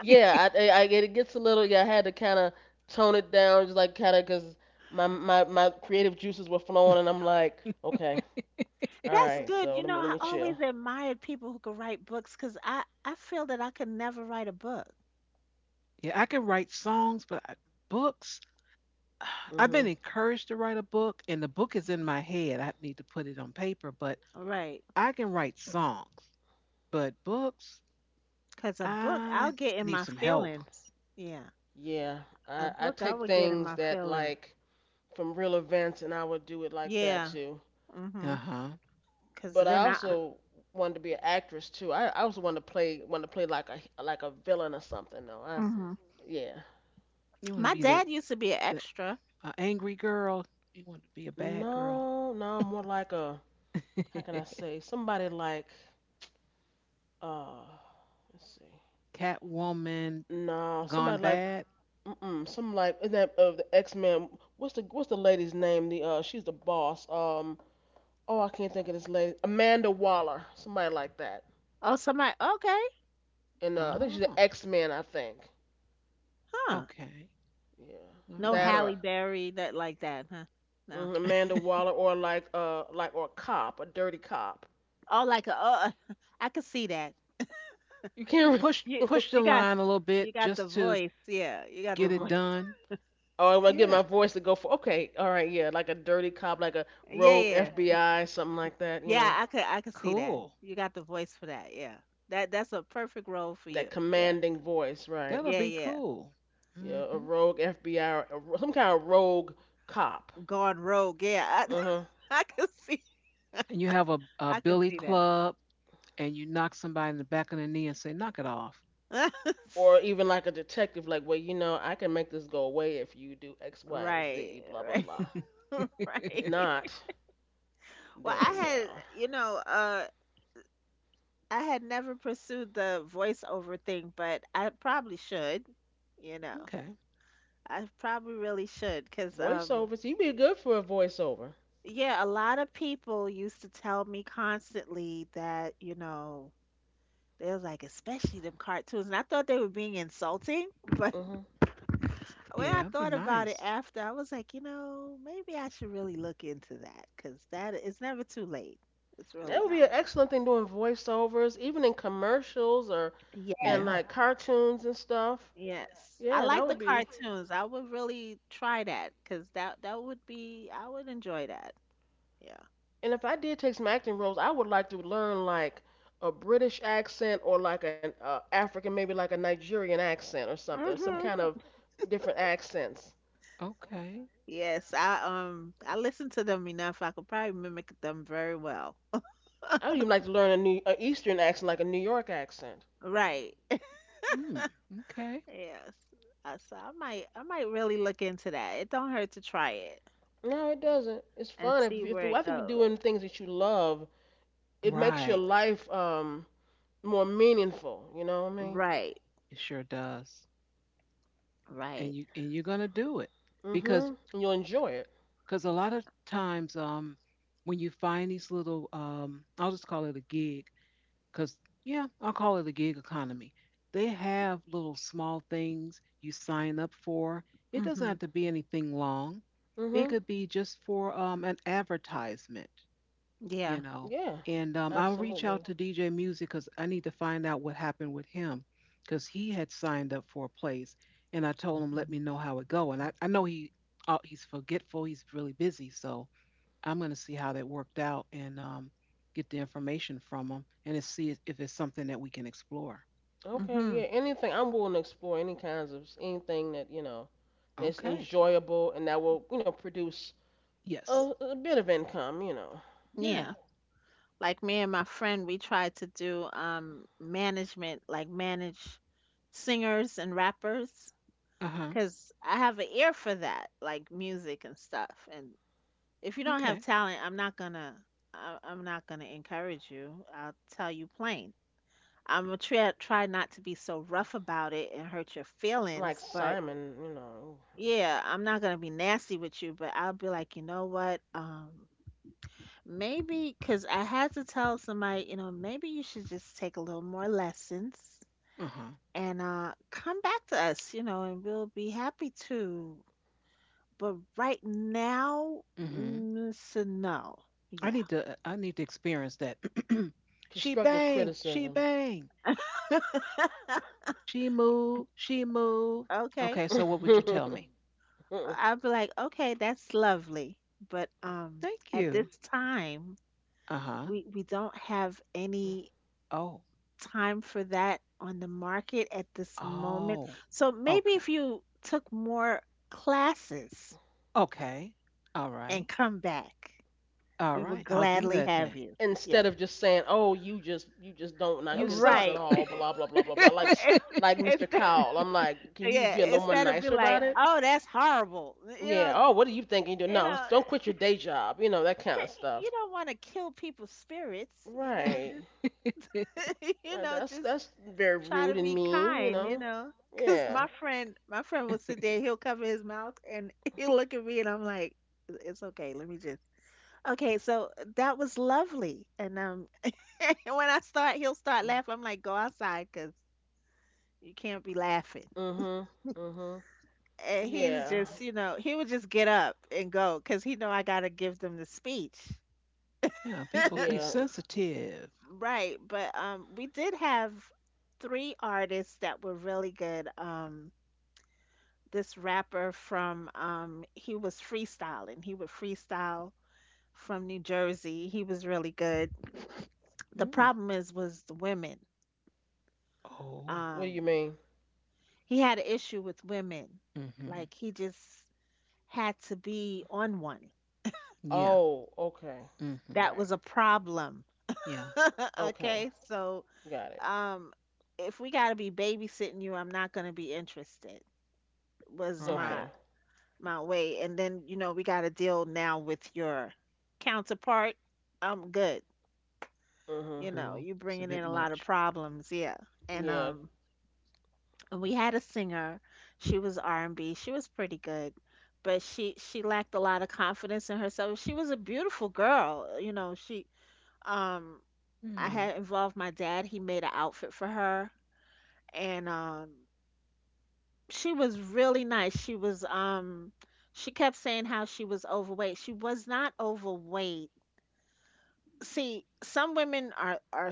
[SPEAKER 1] Yeah. I- it gets a little. Yeah. I had to kind of tone it down, just like kind of because my creative juices were flowing, and I'm like, okay. All
[SPEAKER 2] That's
[SPEAKER 1] right,
[SPEAKER 2] good.
[SPEAKER 1] so
[SPEAKER 2] You
[SPEAKER 1] let
[SPEAKER 2] know,
[SPEAKER 1] me let
[SPEAKER 2] I
[SPEAKER 1] me chill.
[SPEAKER 2] always admired people who could write books because I feel that I could never write a book.
[SPEAKER 3] Yeah, I can write songs, but books. I've been
[SPEAKER 1] Mhm.
[SPEAKER 3] encouraged to write a book and the book is in my head. I need to put it on paper, but
[SPEAKER 2] Right.
[SPEAKER 3] I can write songs, but books
[SPEAKER 2] Because a book, I'll
[SPEAKER 3] I
[SPEAKER 2] get in
[SPEAKER 3] need
[SPEAKER 2] my
[SPEAKER 3] some help.
[SPEAKER 2] feelings. Yeah.
[SPEAKER 1] Yeah,
[SPEAKER 2] A
[SPEAKER 1] I
[SPEAKER 2] book, I
[SPEAKER 1] take
[SPEAKER 2] would get in
[SPEAKER 1] things
[SPEAKER 2] my
[SPEAKER 1] that
[SPEAKER 2] feelings.
[SPEAKER 1] like from real events, and I would do it like that
[SPEAKER 2] Yeah.
[SPEAKER 1] too.
[SPEAKER 2] Mm-hmm.
[SPEAKER 3] Uh-huh.
[SPEAKER 2] Because
[SPEAKER 1] But I
[SPEAKER 2] then
[SPEAKER 1] also wanted to be an actress too. I also wanted to play like a villain or something though. I
[SPEAKER 2] I.
[SPEAKER 1] yeah.
[SPEAKER 3] You want to
[SPEAKER 2] My
[SPEAKER 3] be the
[SPEAKER 2] dad used to be an
[SPEAKER 3] the
[SPEAKER 2] extra.
[SPEAKER 3] uh, angry girl. You want to be a bad girl.
[SPEAKER 1] No, no, more like a how can I say somebody like uh let's see.
[SPEAKER 3] Catwoman
[SPEAKER 1] No,
[SPEAKER 3] gone
[SPEAKER 1] somebody like
[SPEAKER 3] bad.
[SPEAKER 1] mm some like in that of the X Men. What's the lady's name? The she's the boss. Oh, I can't think of this lady, Amanda Waller, somebody like that.
[SPEAKER 2] Oh, somebody. Okay,
[SPEAKER 1] And I think she's an
[SPEAKER 3] Oh,
[SPEAKER 1] X Men, I think.
[SPEAKER 2] huh?
[SPEAKER 3] okay,
[SPEAKER 1] Yeah,
[SPEAKER 3] all
[SPEAKER 2] No
[SPEAKER 1] that
[SPEAKER 3] right.
[SPEAKER 1] or
[SPEAKER 2] Halle Berry, that like that, huh? No.
[SPEAKER 1] mhm, Amanda Waller, or like or a cop, a dirty cop.
[SPEAKER 2] Oh, like a. Oh, I could see that.
[SPEAKER 1] You
[SPEAKER 3] You
[SPEAKER 1] can't.
[SPEAKER 3] push
[SPEAKER 2] You
[SPEAKER 1] Re-
[SPEAKER 3] push
[SPEAKER 2] you
[SPEAKER 3] the
[SPEAKER 2] got
[SPEAKER 3] line a little
[SPEAKER 2] you
[SPEAKER 3] bit
[SPEAKER 2] got the
[SPEAKER 3] just to
[SPEAKER 2] voice. Yeah, you got the
[SPEAKER 3] get it
[SPEAKER 1] hmm.
[SPEAKER 2] voice.
[SPEAKER 3] done.
[SPEAKER 1] Oh, I am going to get
[SPEAKER 3] Yeah,
[SPEAKER 1] my voice to go for. Okay, all right, yeah, like a dirty cop, like a
[SPEAKER 2] Yeah,
[SPEAKER 1] rogue
[SPEAKER 2] yeah,
[SPEAKER 1] FBI, something like that. You know,
[SPEAKER 2] yeah. I could see that.
[SPEAKER 3] cool.
[SPEAKER 2] You got the voice for that. Yeah, that that's a perfect role for you.
[SPEAKER 1] that
[SPEAKER 2] Yeah,
[SPEAKER 1] commanding voice, right?
[SPEAKER 3] That'll be
[SPEAKER 2] yeah.
[SPEAKER 3] cool. Hmm.
[SPEAKER 1] Yeah, a rogue FBI or a, some kind of rogue cop.
[SPEAKER 2] Gone rogue. Yeah, I
[SPEAKER 1] Uh huh.
[SPEAKER 2] I could see
[SPEAKER 3] And you have a
[SPEAKER 2] I could
[SPEAKER 3] billy
[SPEAKER 2] see that.
[SPEAKER 3] club, and you knock somebody in the back of the knee and say, "Knock it off."
[SPEAKER 1] Or even like a detective, like, well, you know, I can make this go away if you do X, Y, and
[SPEAKER 2] Right,
[SPEAKER 1] Z, blah, blah, blah.
[SPEAKER 2] right, right.
[SPEAKER 1] If not,
[SPEAKER 2] Well, I
[SPEAKER 1] then,
[SPEAKER 2] had,
[SPEAKER 1] well,
[SPEAKER 2] I had never pursued the voiceover thing, but I probably should, you know,
[SPEAKER 3] Okay.
[SPEAKER 2] I probably really should because,
[SPEAKER 1] voiceovers, you'd be good for a voiceover.
[SPEAKER 2] yeah, a lot of people used to tell me constantly that, you know, they was like, especially them cartoons. And I thought they were being insulting, but
[SPEAKER 1] Hmm.
[SPEAKER 2] when
[SPEAKER 3] Yeah,
[SPEAKER 2] I
[SPEAKER 3] it'd be
[SPEAKER 2] thought about it
[SPEAKER 3] nice.
[SPEAKER 2] after, I was like, you know, maybe I should really look into that because that it's never too late. It's really
[SPEAKER 1] That would be
[SPEAKER 2] not.
[SPEAKER 1] an excellent thing doing voiceovers, even in commercials or
[SPEAKER 2] Yes,
[SPEAKER 1] and
[SPEAKER 3] Yeah.
[SPEAKER 1] like cartoons and stuff.
[SPEAKER 2] Yes, I
[SPEAKER 1] Yeah, that
[SPEAKER 2] like the
[SPEAKER 1] would be.
[SPEAKER 2] cartoons. I would really try that because that would be I would enjoy that. Yeah.
[SPEAKER 1] And if I did take some acting roles, I would like to learn like a British accent or like an African, maybe like a Nigerian accent or something, or some kind
[SPEAKER 2] Mm-hmm.
[SPEAKER 1] of different accents.
[SPEAKER 3] Okay.
[SPEAKER 2] Yes, I I listen to them enough. I could probably mimic them very well.
[SPEAKER 1] I would even like to learn a new an Eastern accent, like a New York accent.
[SPEAKER 2] Right.
[SPEAKER 3] Mm, okay.
[SPEAKER 2] Yes. So I might really look into that. It don't hurt to try it
[SPEAKER 1] No, it doesn't. It's
[SPEAKER 2] and
[SPEAKER 1] fun
[SPEAKER 2] see
[SPEAKER 1] if
[SPEAKER 2] where
[SPEAKER 1] I
[SPEAKER 2] it
[SPEAKER 1] think you're
[SPEAKER 2] goes.
[SPEAKER 1] doing things that you love, it makes your
[SPEAKER 3] Right.
[SPEAKER 1] life more meaningful. You know what I mean?
[SPEAKER 2] Right.
[SPEAKER 3] It sure does.
[SPEAKER 2] Right.
[SPEAKER 3] And you and you're gonna do it because
[SPEAKER 1] Mhm. And you'll enjoy it.
[SPEAKER 3] a lot of times, when you find these little, I'll just call it a gig because, yeah, I'll call it a gig economy. They have little small things you sign up for. It doesn't
[SPEAKER 2] hmm
[SPEAKER 3] have to be anything long. It
[SPEAKER 1] Mhm.
[SPEAKER 3] could be just for an advertisement, you
[SPEAKER 2] Yeah.
[SPEAKER 3] know.
[SPEAKER 1] Yeah.
[SPEAKER 3] And I'll reach out
[SPEAKER 1] Absolutely.
[SPEAKER 3] to DJ Music because I need to find out what happened with him because he had signed up for a place, and I told him let me know how it go. And I know he, he's forgetful, he's really busy, so I'm gonna see how that worked out and, get the information from him and to see if it's something that we can explore.
[SPEAKER 1] Okay.
[SPEAKER 2] hmm
[SPEAKER 1] Yeah. Anything. I'm willing to explore any kinds of anything that you know that's
[SPEAKER 3] Okay.
[SPEAKER 1] enjoyable and that will you know produce
[SPEAKER 3] Yes.
[SPEAKER 1] a bit of income. You know,
[SPEAKER 3] Yeah.
[SPEAKER 2] Yeah. Like me and my friend, we tried to do management, like manage singers and rappers,
[SPEAKER 3] Uh huh.
[SPEAKER 2] because I have an ear for that, like music and stuff. And if you don't have
[SPEAKER 3] Okay.
[SPEAKER 2] talent, I'm not gonna encourage you. I'll tell you plain. I'm gonna try not to be so rough about it and hurt your
[SPEAKER 1] like
[SPEAKER 2] feelings, but
[SPEAKER 1] Simon. You know,
[SPEAKER 2] yeah, I'm not gonna be nasty with you, but I'll be like, you know what? Maybe because I had to tell somebody, you know, maybe you should just take a little more lessons
[SPEAKER 3] Uh huh.
[SPEAKER 2] and come back to us, you know, and we'll be happy to. But right now,
[SPEAKER 3] Mhm.
[SPEAKER 2] so no. Yeah.
[SPEAKER 3] I need to experience that. She
[SPEAKER 1] constructive
[SPEAKER 3] bang. She
[SPEAKER 1] criticism.
[SPEAKER 3] bang. She moved. She moved.
[SPEAKER 2] Okay.
[SPEAKER 3] Okay, so what would you tell me?
[SPEAKER 2] I'll be like, okay, that's lovely. But
[SPEAKER 3] Thank
[SPEAKER 2] At
[SPEAKER 3] you.
[SPEAKER 2] this time,
[SPEAKER 3] Uh huh.
[SPEAKER 2] we don't have any
[SPEAKER 3] Oh,
[SPEAKER 2] time for that on the market at this moment.
[SPEAKER 3] oh,
[SPEAKER 2] So maybe
[SPEAKER 3] okay.
[SPEAKER 2] if you took more classes
[SPEAKER 3] Okay. All right.
[SPEAKER 2] and come back,
[SPEAKER 3] All
[SPEAKER 2] we will
[SPEAKER 3] right. I'll do
[SPEAKER 2] gladly
[SPEAKER 3] that
[SPEAKER 2] have
[SPEAKER 3] then.
[SPEAKER 2] you. Yeah,
[SPEAKER 1] Instead of just saying, "Oh, you just don't not
[SPEAKER 3] You
[SPEAKER 1] good at this
[SPEAKER 3] suck.
[SPEAKER 1] at
[SPEAKER 2] right.
[SPEAKER 1] all," blah blah blah blah blah. Like s-
[SPEAKER 2] It's,
[SPEAKER 1] like
[SPEAKER 2] it's
[SPEAKER 1] Mr.
[SPEAKER 2] the-
[SPEAKER 1] Cowell, I'm like, can you just
[SPEAKER 2] yeah,
[SPEAKER 1] be a little more
[SPEAKER 2] instead of be
[SPEAKER 1] nicer
[SPEAKER 2] like,
[SPEAKER 1] about it?
[SPEAKER 2] oh, that's horrible. You
[SPEAKER 1] Yeah.
[SPEAKER 2] know,
[SPEAKER 1] Oh, what are you thinking? You do
[SPEAKER 2] you
[SPEAKER 1] no,
[SPEAKER 2] know,
[SPEAKER 1] don't quit your day job. You know that kind of
[SPEAKER 2] you
[SPEAKER 1] stuff.
[SPEAKER 2] don't want to kill people's spirits. You know,
[SPEAKER 1] Right.
[SPEAKER 2] just you
[SPEAKER 1] Right.
[SPEAKER 2] know, just
[SPEAKER 1] That's very
[SPEAKER 2] try
[SPEAKER 1] rude
[SPEAKER 2] to
[SPEAKER 1] and
[SPEAKER 2] be
[SPEAKER 1] mean. You
[SPEAKER 2] kind, you
[SPEAKER 1] know.
[SPEAKER 2] know. Cause
[SPEAKER 1] Yeah.
[SPEAKER 2] my friend will sit there, he'll cover his mouth, and he'll look at me, and I'm like, "It's okay, let me just." Okay, so that was lovely, and when I start, he'll start laughing. I'm like, "Go outside, cause you can't be laughing."
[SPEAKER 1] Mhm. Mhm.
[SPEAKER 2] And he's
[SPEAKER 1] Yeah.
[SPEAKER 2] just, you know, he would just get up and go, cause he know I gotta give them the speech,
[SPEAKER 3] Yeah, people be
[SPEAKER 1] Yeah.
[SPEAKER 3] sensitive.
[SPEAKER 2] right? But we did have three artists that were really good. This rapper from he was freestyling. He would freestyle from New Jersey. He was really good. The
[SPEAKER 3] Mm.
[SPEAKER 2] problem is was the women.
[SPEAKER 3] Oh,
[SPEAKER 1] What do
[SPEAKER 2] Um
[SPEAKER 1] you mean?
[SPEAKER 2] he had an issue with women.
[SPEAKER 3] mm-hmm.
[SPEAKER 2] Like he just had to be on one.
[SPEAKER 3] Yeah.
[SPEAKER 1] Oh, okay.
[SPEAKER 3] Mm-hmm.
[SPEAKER 2] That
[SPEAKER 1] Right.
[SPEAKER 2] was a problem.
[SPEAKER 3] Yeah.
[SPEAKER 1] Okay.
[SPEAKER 2] Okay? So
[SPEAKER 1] Got it.
[SPEAKER 2] um if we got to be babysitting you, I'm not going to be interested. Was
[SPEAKER 3] Right.
[SPEAKER 2] my
[SPEAKER 1] Okay.
[SPEAKER 2] my way and then you know we got to deal now with your counterpart. I'm good. You
[SPEAKER 1] Mhm.
[SPEAKER 2] know
[SPEAKER 3] True.
[SPEAKER 2] you
[SPEAKER 3] It's a
[SPEAKER 2] bringing
[SPEAKER 3] bit
[SPEAKER 2] in a lot of
[SPEAKER 3] much.
[SPEAKER 2] problems, yeah, and
[SPEAKER 1] Yeah.
[SPEAKER 2] um and we had a singer, she was R&B, she was pretty good, but she lacked a lot of confidence in herself. She was a beautiful girl, you know, she um I
[SPEAKER 3] Mm.
[SPEAKER 2] had involved my dad, he made an outfit for her, and she was really nice. She was um she kept saying how she was overweight. She was not overweight. See, some women are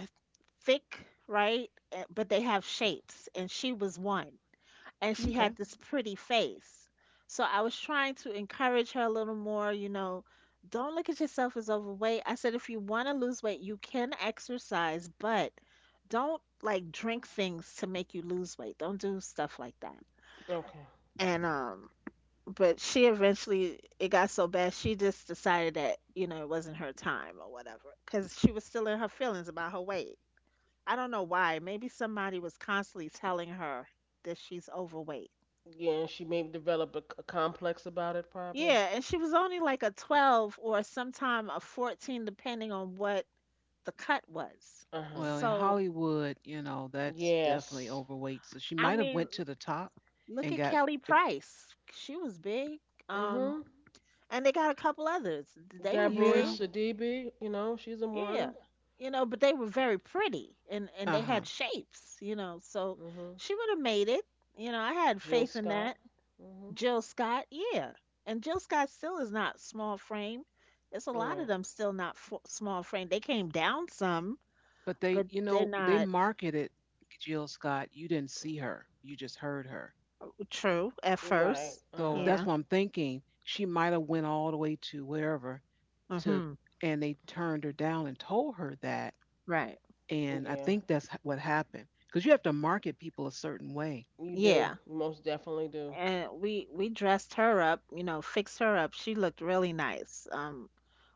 [SPEAKER 2] thick, right? Eh, but they have shapes, and she was one, and she
[SPEAKER 3] Okay.
[SPEAKER 2] had this pretty face. So I was trying to encourage her a little more, you know. Don't look at yourself as overweight. I said if you want to lose weight, you can exercise, but don't like drink things to make you lose weight, don't do stuff like that.
[SPEAKER 1] Okay.
[SPEAKER 2] And but she eventually, it got so bad, she just decided that, you know, it wasn't her time or whatever, because she was still in her feelings about her weight. I don't know why. Maybe somebody was constantly telling her that she's overweight.
[SPEAKER 1] Yeah, and she maybe developed a complex about it, probably.
[SPEAKER 2] Yeah, and she was only like a 12 or sometime a 14 depending on what the cut was.
[SPEAKER 1] Uh huh.
[SPEAKER 3] Well, in
[SPEAKER 2] So
[SPEAKER 3] Hollywood, you know, that's definitely
[SPEAKER 1] Yes.
[SPEAKER 3] overweight. So she
[SPEAKER 2] I
[SPEAKER 3] might have
[SPEAKER 2] mean,
[SPEAKER 3] went to the top
[SPEAKER 2] look
[SPEAKER 3] and
[SPEAKER 2] at
[SPEAKER 3] got
[SPEAKER 2] Kelly
[SPEAKER 3] the.
[SPEAKER 2] Price, she was big.
[SPEAKER 1] Mm
[SPEAKER 2] um
[SPEAKER 1] hmm.
[SPEAKER 2] and they got a couple others, they were
[SPEAKER 1] Gabrielle
[SPEAKER 3] Yeah.
[SPEAKER 2] big.
[SPEAKER 1] Sidibe, you know, she's in
[SPEAKER 2] Yeah,
[SPEAKER 1] one.
[SPEAKER 2] you know, but they were very pretty, and
[SPEAKER 3] Uh
[SPEAKER 2] they had
[SPEAKER 3] huh.
[SPEAKER 2] shapes, you know. So
[SPEAKER 1] Mm hmm.
[SPEAKER 2] she would have made it. You know, I had
[SPEAKER 1] Jill
[SPEAKER 2] faith in that.
[SPEAKER 1] Scott. Mm
[SPEAKER 2] Jill Scott, yeah. And Jill Scott still is not small frame. It's a
[SPEAKER 1] hmm.
[SPEAKER 2] lot of
[SPEAKER 1] Right.
[SPEAKER 2] them still not f small frame. They came down some,
[SPEAKER 3] But they,
[SPEAKER 2] but
[SPEAKER 3] you
[SPEAKER 2] they're
[SPEAKER 3] know, they
[SPEAKER 2] not
[SPEAKER 3] marketed Jill Scott. You didn't see her. You just heard her.
[SPEAKER 2] true at first.
[SPEAKER 1] Right. Uh
[SPEAKER 3] So
[SPEAKER 1] huh.
[SPEAKER 3] that's
[SPEAKER 2] Yeah.
[SPEAKER 3] what I'm thinking. She might have went all the way to wherever to,
[SPEAKER 2] Mhm.
[SPEAKER 3] and they turned her down and told her that.
[SPEAKER 2] Right.
[SPEAKER 3] And I
[SPEAKER 1] Yeah.
[SPEAKER 3] think that's h- what happened because you have to market people a certain way.
[SPEAKER 1] You
[SPEAKER 2] Yeah.
[SPEAKER 1] do. You most definitely do.
[SPEAKER 2] And we dressed her up, you know, fixed her up. She looked really nice.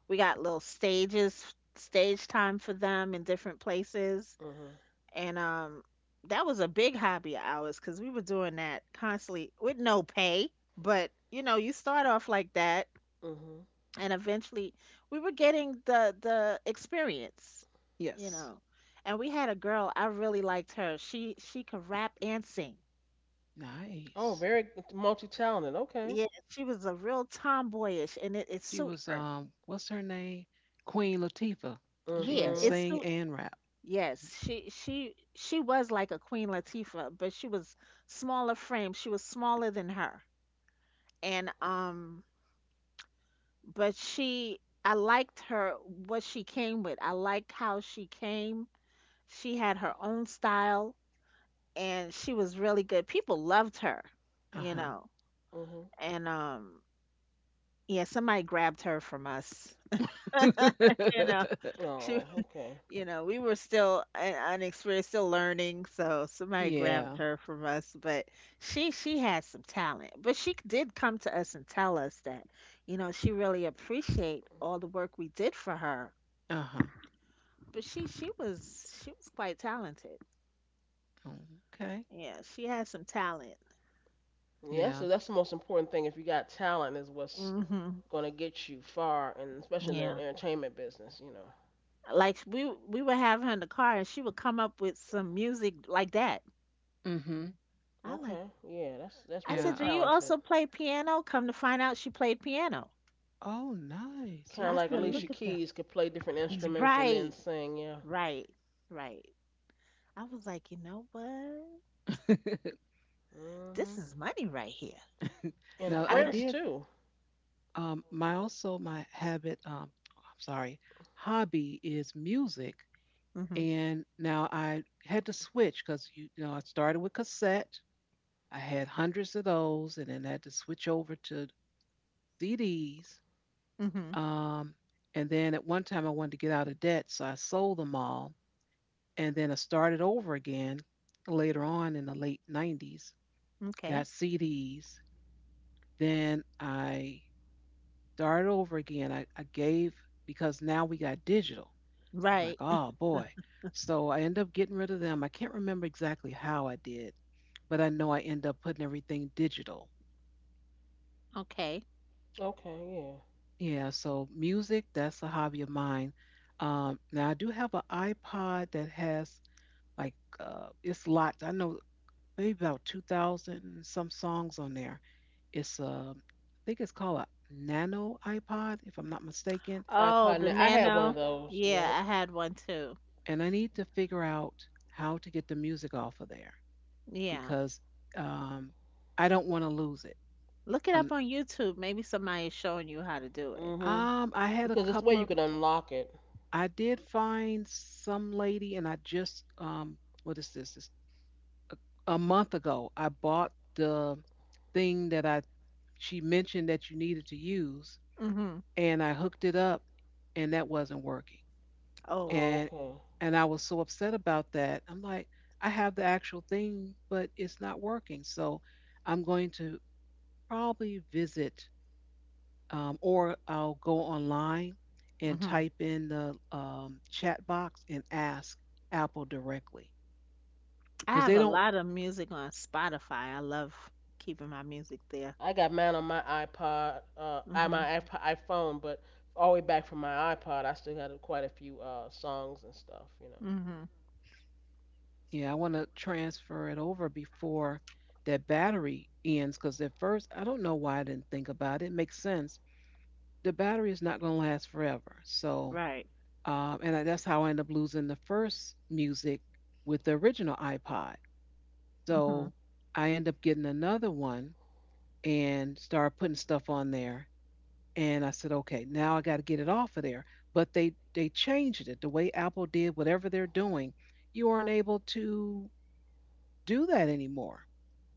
[SPEAKER 2] We got little stage time for them in different places.
[SPEAKER 1] Mm hmm.
[SPEAKER 2] And that was a big hobby of ours because we were doing that constantly with no pay. But you know, you start off like that,
[SPEAKER 1] Mm hmm.
[SPEAKER 2] and eventually we were getting the experience, you
[SPEAKER 3] Yes.
[SPEAKER 2] know. And we had a girl, I really liked her. She could rap and sing.
[SPEAKER 1] Oh,
[SPEAKER 3] Nice.
[SPEAKER 1] very multi talented. Okay.
[SPEAKER 2] Yeah, she was a real tomboyish and it
[SPEAKER 3] She
[SPEAKER 2] suit
[SPEAKER 3] was
[SPEAKER 2] her.
[SPEAKER 3] What's her name? Queen Latifah.
[SPEAKER 1] Mm
[SPEAKER 3] She
[SPEAKER 2] Yeah,
[SPEAKER 3] can
[SPEAKER 2] it
[SPEAKER 1] hmm.
[SPEAKER 3] sing
[SPEAKER 2] suit
[SPEAKER 3] and rap. Mhm.
[SPEAKER 2] Yes, she was like a Queen Latifah, but she was smaller frame. She was smaller than her. And but she I liked her what she came with. I liked how she came. She had her own style, and she was really good. People loved her, you
[SPEAKER 3] Uh-huh.
[SPEAKER 2] know.
[SPEAKER 1] Mm hmm.
[SPEAKER 2] And Yeah, somebody grabbed her from us. You know. She,
[SPEAKER 1] Oh, okay.
[SPEAKER 2] you know, we were still unexperienced, still learning. So somebody
[SPEAKER 1] Mm
[SPEAKER 2] grabbed
[SPEAKER 1] hmm.
[SPEAKER 3] Yeah.
[SPEAKER 2] her from us, but she had some talent. But she did come to us and tell us that, you know, she really appreciate all the work we did for her.
[SPEAKER 3] Uh-huh.
[SPEAKER 2] But she was quite talented.
[SPEAKER 3] Okay.
[SPEAKER 2] Yeah, she had some talent.
[SPEAKER 3] Yeah.
[SPEAKER 1] That's the most important thing. If you got talent, is what's
[SPEAKER 2] Hmm
[SPEAKER 1] gonna get you far, and especially in
[SPEAKER 2] Yeah,
[SPEAKER 1] the entertainment business, you know.
[SPEAKER 2] like we would have her in the car, and she would come up with some music like that.
[SPEAKER 3] Mm. Mhm.
[SPEAKER 2] I like.
[SPEAKER 1] Okay, yeah,
[SPEAKER 2] I
[SPEAKER 1] that's
[SPEAKER 3] Yeah.
[SPEAKER 2] said,
[SPEAKER 1] really
[SPEAKER 2] "Do
[SPEAKER 3] I-
[SPEAKER 2] you also
[SPEAKER 1] talented.
[SPEAKER 2] play piano?" Come to find out, she played piano.
[SPEAKER 3] Oh, nice.
[SPEAKER 1] Kind
[SPEAKER 2] I
[SPEAKER 1] of like
[SPEAKER 2] said,
[SPEAKER 3] Okay.
[SPEAKER 2] "Look
[SPEAKER 1] Alicia
[SPEAKER 2] at that."
[SPEAKER 1] Keys could play different instruments and
[SPEAKER 2] Right,
[SPEAKER 1] then sing, yeah.
[SPEAKER 2] right, right. I was like, you know what? This
[SPEAKER 1] Mhm.
[SPEAKER 2] is money right here.
[SPEAKER 3] Now
[SPEAKER 1] And
[SPEAKER 2] I
[SPEAKER 3] I
[SPEAKER 2] think.
[SPEAKER 3] did.
[SPEAKER 1] Prince too.
[SPEAKER 3] My also my habit. I'm sorry. Hobby is music,
[SPEAKER 2] Hmm
[SPEAKER 3] and now I had to switch because you know I started with cassette. I had hundreds of those, and then I had to switch over to CDs.
[SPEAKER 2] hmm
[SPEAKER 3] Um, and then at one time I wanted to get out of debt, so I sold them all, and then I started over again later on in the late '90s,
[SPEAKER 2] Okay.
[SPEAKER 3] got CDs. Then I started over again. I gave because now we got digital. I'm like,
[SPEAKER 2] Right.
[SPEAKER 3] oh boy. So I end up getting rid of them. I can't remember exactly how I did, but I know I end up putting everything digital.
[SPEAKER 2] Okay.
[SPEAKER 1] Okay, yeah.
[SPEAKER 3] Yeah, so music, that's a hobby of mine. Now I do have an iPod that has, like, it's locked. I know maybe about 2,000 and some songs on there. It's a, I think it's called a nano iPod, if I'm not mistaken.
[SPEAKER 2] Oh,
[SPEAKER 1] iPod.
[SPEAKER 2] the
[SPEAKER 1] Now, I had one of
[SPEAKER 2] Nano.
[SPEAKER 1] those. Yep.
[SPEAKER 2] Yeah, I had one too.
[SPEAKER 3] And I need to figure out how to get the music off of there
[SPEAKER 2] Yeah.
[SPEAKER 3] because, um, I don't want to lose it.
[SPEAKER 2] Look it up
[SPEAKER 3] Um,
[SPEAKER 2] on YouTube. Maybe somebody is showing you how to do it.
[SPEAKER 1] Mhm.
[SPEAKER 3] I had a
[SPEAKER 1] Because it's the way
[SPEAKER 3] couple
[SPEAKER 1] you
[SPEAKER 3] of,
[SPEAKER 1] could unlock it.
[SPEAKER 3] I did find some lady, and I just, what is this? It's a month ago, I bought the thing that, she mentioned that you needed to use,
[SPEAKER 2] Hmm
[SPEAKER 3] and I hooked it up, and that wasn't working.
[SPEAKER 2] Oh.
[SPEAKER 1] Oh,
[SPEAKER 3] and
[SPEAKER 1] okay.
[SPEAKER 3] and I was so upset about that. I'm like, I have the actual thing, but it's not working. So I'm going to probably visit, or I'll go online and
[SPEAKER 2] hmm
[SPEAKER 3] type in the chat box and ask Apple directly
[SPEAKER 2] I
[SPEAKER 3] because
[SPEAKER 2] have
[SPEAKER 3] they
[SPEAKER 2] a
[SPEAKER 3] don't.
[SPEAKER 2] lot of music on Spotify. I love keeping my music there.
[SPEAKER 1] I got mine on my iPod, I
[SPEAKER 2] Hmm
[SPEAKER 1] my iP- iPhone, but all the way back from my iPod, I still got quite a few songs and stuff, you know.
[SPEAKER 2] hmm
[SPEAKER 3] Yeah, I want to transfer it over before that battery ends because at first I don't know why I didn't think about it. It makes sense. The battery is not going to last forever, so,
[SPEAKER 2] Right.
[SPEAKER 3] and I, that's how I ended up losing the first music with the original iPod.
[SPEAKER 2] hmm
[SPEAKER 3] So I ended up getting another one and started putting stuff on there. And I said, okay, now I got to get it off of there. But they changed it the way Apple did whatever they're doing. You aren't able to do that anymore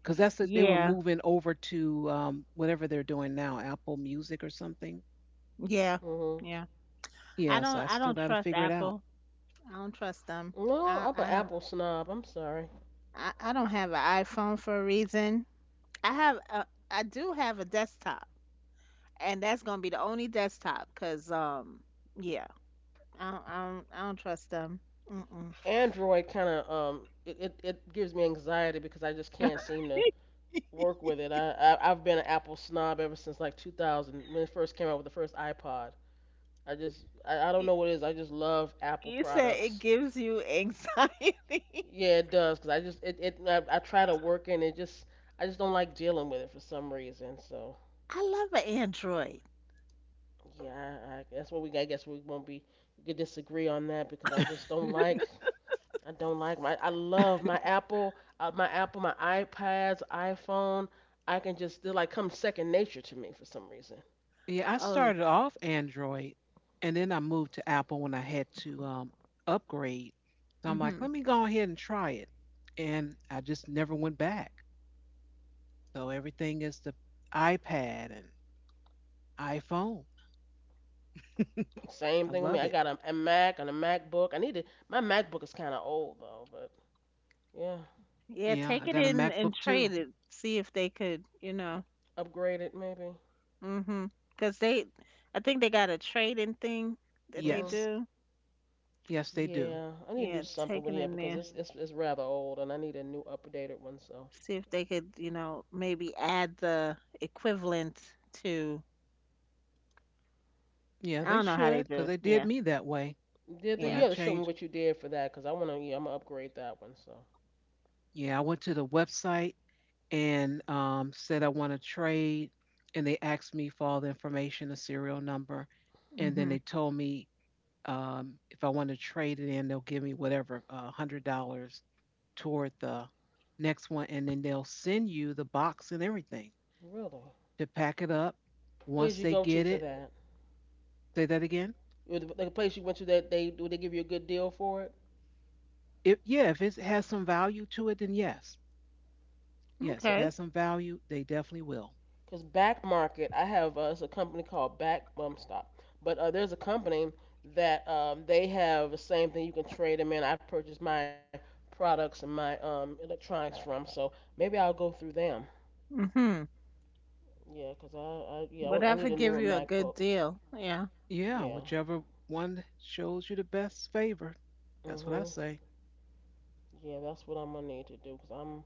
[SPEAKER 3] because that's the, they were
[SPEAKER 2] Yeah.
[SPEAKER 3] moving over to, whatever they're doing now, Apple Music or something.
[SPEAKER 2] Yeah.
[SPEAKER 1] Mhm.
[SPEAKER 2] Yeah.
[SPEAKER 3] Yeah, so I
[SPEAKER 2] I
[SPEAKER 3] still
[SPEAKER 2] don't
[SPEAKER 3] got to
[SPEAKER 2] trust
[SPEAKER 3] figure it out.
[SPEAKER 2] Apple. I don't trust them.
[SPEAKER 1] No,
[SPEAKER 2] I
[SPEAKER 1] I'm
[SPEAKER 2] I
[SPEAKER 1] an
[SPEAKER 2] don't
[SPEAKER 1] Apple snob. I'm sorry.
[SPEAKER 2] I don't have an iPhone for a reason. I have a, I do have a desktop, and that's gonna be the only desktop. Cause yeah, I don't trust them. Mm-mm.
[SPEAKER 1] Android kind of it gives me anxiety because I just can't seem to work with it. I've been an Apple snob ever since like 2000 when it first came out with the first iPod. I don't
[SPEAKER 2] Y-
[SPEAKER 1] know what it is. I just love Apple
[SPEAKER 2] you said it
[SPEAKER 1] products.
[SPEAKER 2] gives you anxiety.
[SPEAKER 1] Yeah, it does because I just I try to work in it just I just don't like dealing with it for some reason. So
[SPEAKER 2] I love an Android.
[SPEAKER 1] yeah, that's what we I guess we won't be we could disagree on that because I just don't like I don't like my. I love my Apple, my Apple, my iPads, iPhone. I can just they're like come second nature to me for some reason.
[SPEAKER 3] Yeah, I
[SPEAKER 2] Oh,
[SPEAKER 3] started off Android and then I moved to Apple when I had to, upgrade. So I'm like,
[SPEAKER 2] hmm
[SPEAKER 3] let me go ahead and try it. And I just never went back. So everything is the iPad and iPhone.
[SPEAKER 1] Same
[SPEAKER 3] I
[SPEAKER 1] thing with me.
[SPEAKER 3] love
[SPEAKER 1] I
[SPEAKER 3] it.
[SPEAKER 1] got a Mac and a MacBook. I need to. My MacBook is kind of old though, but yeah,
[SPEAKER 2] yeah.
[SPEAKER 3] Yeah,
[SPEAKER 2] Take
[SPEAKER 3] I
[SPEAKER 2] it
[SPEAKER 3] got a
[SPEAKER 2] in and
[SPEAKER 3] MacBook
[SPEAKER 2] trade
[SPEAKER 3] too.
[SPEAKER 2] it. See if they could, you know.
[SPEAKER 1] upgrade it maybe.
[SPEAKER 2] Mm-hmm. Cause they, I think they got a trading thing that they
[SPEAKER 1] Mhm.
[SPEAKER 3] Yes.
[SPEAKER 2] do.
[SPEAKER 3] Yes, they do.
[SPEAKER 1] Yeah, I need to do
[SPEAKER 2] Yeah,
[SPEAKER 1] something
[SPEAKER 2] take
[SPEAKER 1] with it yeah,
[SPEAKER 2] in
[SPEAKER 1] because
[SPEAKER 2] there.
[SPEAKER 1] it's it's rather old and I need a new updated one. So,
[SPEAKER 2] See if they could, you know, maybe add the equivalent to.
[SPEAKER 3] Yeah,
[SPEAKER 2] I
[SPEAKER 3] they
[SPEAKER 2] don't know how they
[SPEAKER 3] should
[SPEAKER 2] do
[SPEAKER 3] because
[SPEAKER 2] it.
[SPEAKER 3] they did
[SPEAKER 2] Yeah,
[SPEAKER 3] me that way
[SPEAKER 1] did the,
[SPEAKER 3] when
[SPEAKER 1] you
[SPEAKER 3] I
[SPEAKER 2] yeah.
[SPEAKER 1] have to show me
[SPEAKER 3] changed.
[SPEAKER 1] what you did for that because I wanna yeah I'm gonna upgrade that one. So
[SPEAKER 3] Yeah, I went to the website and, said I want to trade, and they asked me for all the information, a serial number, and then
[SPEAKER 2] Mhm.
[SPEAKER 3] they told me, if I want to trade it in, they'll give me whatever, $100 toward the next one, and then they'll send you the box and everything
[SPEAKER 1] really,
[SPEAKER 3] to pack it up.
[SPEAKER 1] where'd
[SPEAKER 3] Once
[SPEAKER 1] you
[SPEAKER 3] they
[SPEAKER 1] go to
[SPEAKER 3] get
[SPEAKER 1] for
[SPEAKER 3] it,
[SPEAKER 1] that?
[SPEAKER 3] say that again.
[SPEAKER 1] Or the place you went to that they do they give you a good deal for it?
[SPEAKER 3] If, yeah, if it has some value to it, then yes, yes, if it
[SPEAKER 2] Okay.
[SPEAKER 3] has some value, they definitely will.
[SPEAKER 1] Cause Back Market, I have it's a company called Back Bum Stop, but there's a company that they have the same thing. You can trade them in. I purchased my products and my electronics from, so maybe I'll go through them.
[SPEAKER 2] Mhm.
[SPEAKER 1] Yeah, cause I yeah want, I need
[SPEAKER 2] Whatever
[SPEAKER 1] a
[SPEAKER 2] give
[SPEAKER 1] newer
[SPEAKER 2] you a good
[SPEAKER 1] MacBook.
[SPEAKER 2] deal. Yeah.
[SPEAKER 3] Yeah,
[SPEAKER 1] Yeah.
[SPEAKER 3] whichever one shows you the best favor. That's what I
[SPEAKER 1] Mhm.
[SPEAKER 3] say.
[SPEAKER 1] Yeah, that's what I'm gonna need to do. Cause I'm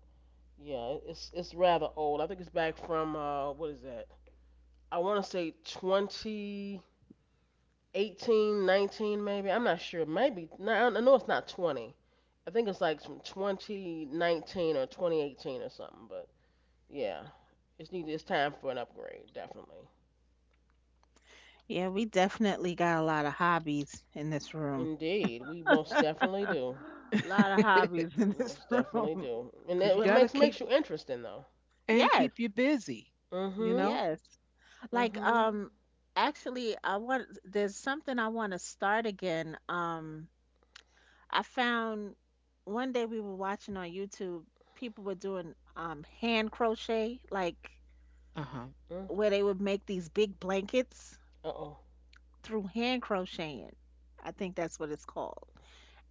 [SPEAKER 1] yeah it's rather old. I think it's back from what is that? I want to say 20. 18, 19, maybe. I'm not sure. Maybe no, I know it's not 20. I think it's like from 2019 or 2018 or something. But yeah, it's need it's time for an upgrade, definitely.
[SPEAKER 2] Yeah, we definitely got a lot of hobbies in this room.
[SPEAKER 1] Indeed, we most definitely
[SPEAKER 2] A
[SPEAKER 1] do.
[SPEAKER 2] lot of hobbies in
[SPEAKER 1] We
[SPEAKER 2] this
[SPEAKER 1] most definitely
[SPEAKER 2] room.
[SPEAKER 1] do, and
[SPEAKER 3] Because
[SPEAKER 1] it,
[SPEAKER 3] you
[SPEAKER 1] it
[SPEAKER 3] got to
[SPEAKER 1] makes
[SPEAKER 3] keep
[SPEAKER 1] makes you interesting though.
[SPEAKER 3] and keep
[SPEAKER 2] Yes,
[SPEAKER 3] you busy, you
[SPEAKER 1] Mhm.
[SPEAKER 3] know?
[SPEAKER 2] yes. Like,
[SPEAKER 1] Mhm.
[SPEAKER 2] actually, I want there's something I want to start again. I found one day we were watching on YouTube, people were doing hand crochet, like
[SPEAKER 3] Uh huh.
[SPEAKER 1] Mm.
[SPEAKER 2] where they would make these big blankets
[SPEAKER 1] Uh oh.
[SPEAKER 2] through hand crocheting. I think that's what it's called.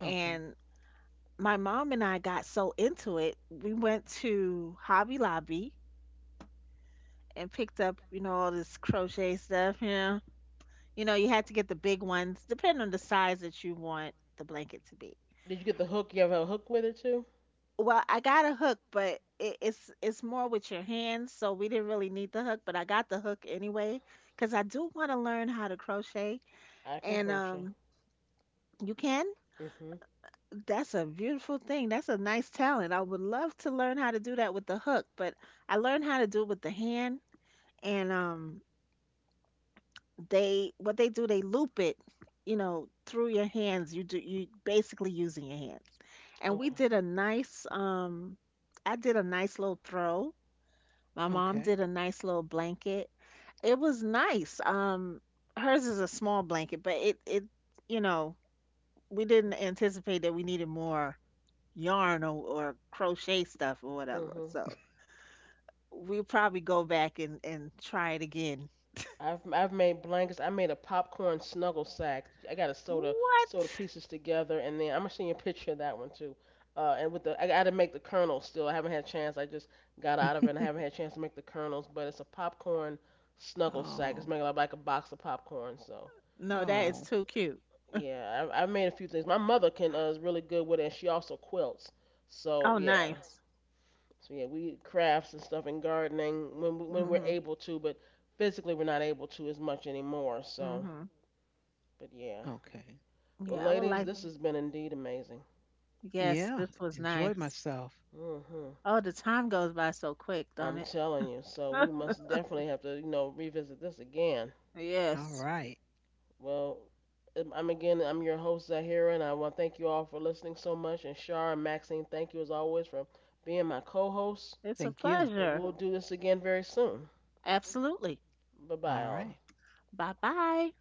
[SPEAKER 3] Okay.
[SPEAKER 2] my mom and I got so into it, we went to Hobby Lobby and picked up, you know, all this crochet stuff, you know. You know, you had to get the big ones, depending on the size that you want the blanket to be.
[SPEAKER 1] Did you get the hook? You have a hook with it too?
[SPEAKER 2] Well, I got a hook, but it's more with your hands, so we didn't really need the hook, but I got the hook anyway because I do want to learn how to crochet.
[SPEAKER 1] I can
[SPEAKER 2] And
[SPEAKER 1] crochet.
[SPEAKER 2] You can.
[SPEAKER 1] Mhm.
[SPEAKER 2] That's a beautiful thing. That's a nice talent. I would love to learn how to do that with the hook, but I learned how to do it with the hand. And They what they do, they loop it, you know, through your hands. You do you basically using your hands. And we
[SPEAKER 1] Okay.
[SPEAKER 2] did a nice I did a nice little throw. My mom
[SPEAKER 3] Okay.
[SPEAKER 2] did a nice little blanket. It was nice. Hers is a small blanket, but it you know, we didn't anticipate that we needed more yarn or crochet stuff or whatever.
[SPEAKER 1] Mhm.
[SPEAKER 2] So we'll probably go back and try it again.
[SPEAKER 1] I've made blankets. I made a popcorn snuggle sack. I got to sew the
[SPEAKER 2] What?
[SPEAKER 1] sew the pieces together, and then I'm gonna send you a picture of that one too. And with the I got to make the kernels still. I haven't had a chance. I just got out of it, and I haven't had a chance to make the kernels, but it's a popcorn snuggle sack. It's
[SPEAKER 3] Oh,
[SPEAKER 1] made out like a box of popcorn. So
[SPEAKER 2] No, that
[SPEAKER 1] uh,
[SPEAKER 3] oh,
[SPEAKER 2] is too cute.
[SPEAKER 1] yeah, I, I've made a few things. My mother can is really good with it, and she also quilts. So
[SPEAKER 2] Oh,
[SPEAKER 1] yeah,
[SPEAKER 2] nice.
[SPEAKER 1] so yeah, we crafts and stuff and gardening when we, when we're
[SPEAKER 2] Mhm.
[SPEAKER 1] able to, but physically we're not able to as much anymore. So
[SPEAKER 2] Mhm.
[SPEAKER 1] but yeah.
[SPEAKER 3] okay.
[SPEAKER 1] Well,
[SPEAKER 2] Yeah, I would
[SPEAKER 1] ladies,
[SPEAKER 2] like
[SPEAKER 1] this has been indeed amazing.
[SPEAKER 2] Yes,
[SPEAKER 3] Yeah.
[SPEAKER 2] this was
[SPEAKER 3] Enjoy
[SPEAKER 2] nice.
[SPEAKER 3] myself.
[SPEAKER 1] Hmm.
[SPEAKER 2] Oh, the time goes by so quick, don't
[SPEAKER 1] I'm
[SPEAKER 2] it?
[SPEAKER 1] telling you. So we must definitely have to, you know, revisit this again.
[SPEAKER 3] All
[SPEAKER 2] Yes.
[SPEAKER 3] right.
[SPEAKER 1] Well, I'm again, I'm your host, Zahira, and I want to thank you all for listening so much. And Shar and Maxine, thank you as always for being my co hosts.
[SPEAKER 2] It's a
[SPEAKER 3] Thank you.
[SPEAKER 1] And
[SPEAKER 2] pleasure.
[SPEAKER 1] we'll do this again very soon.
[SPEAKER 2] Absolutely.
[SPEAKER 1] Bye bye, all.
[SPEAKER 2] Bye bye.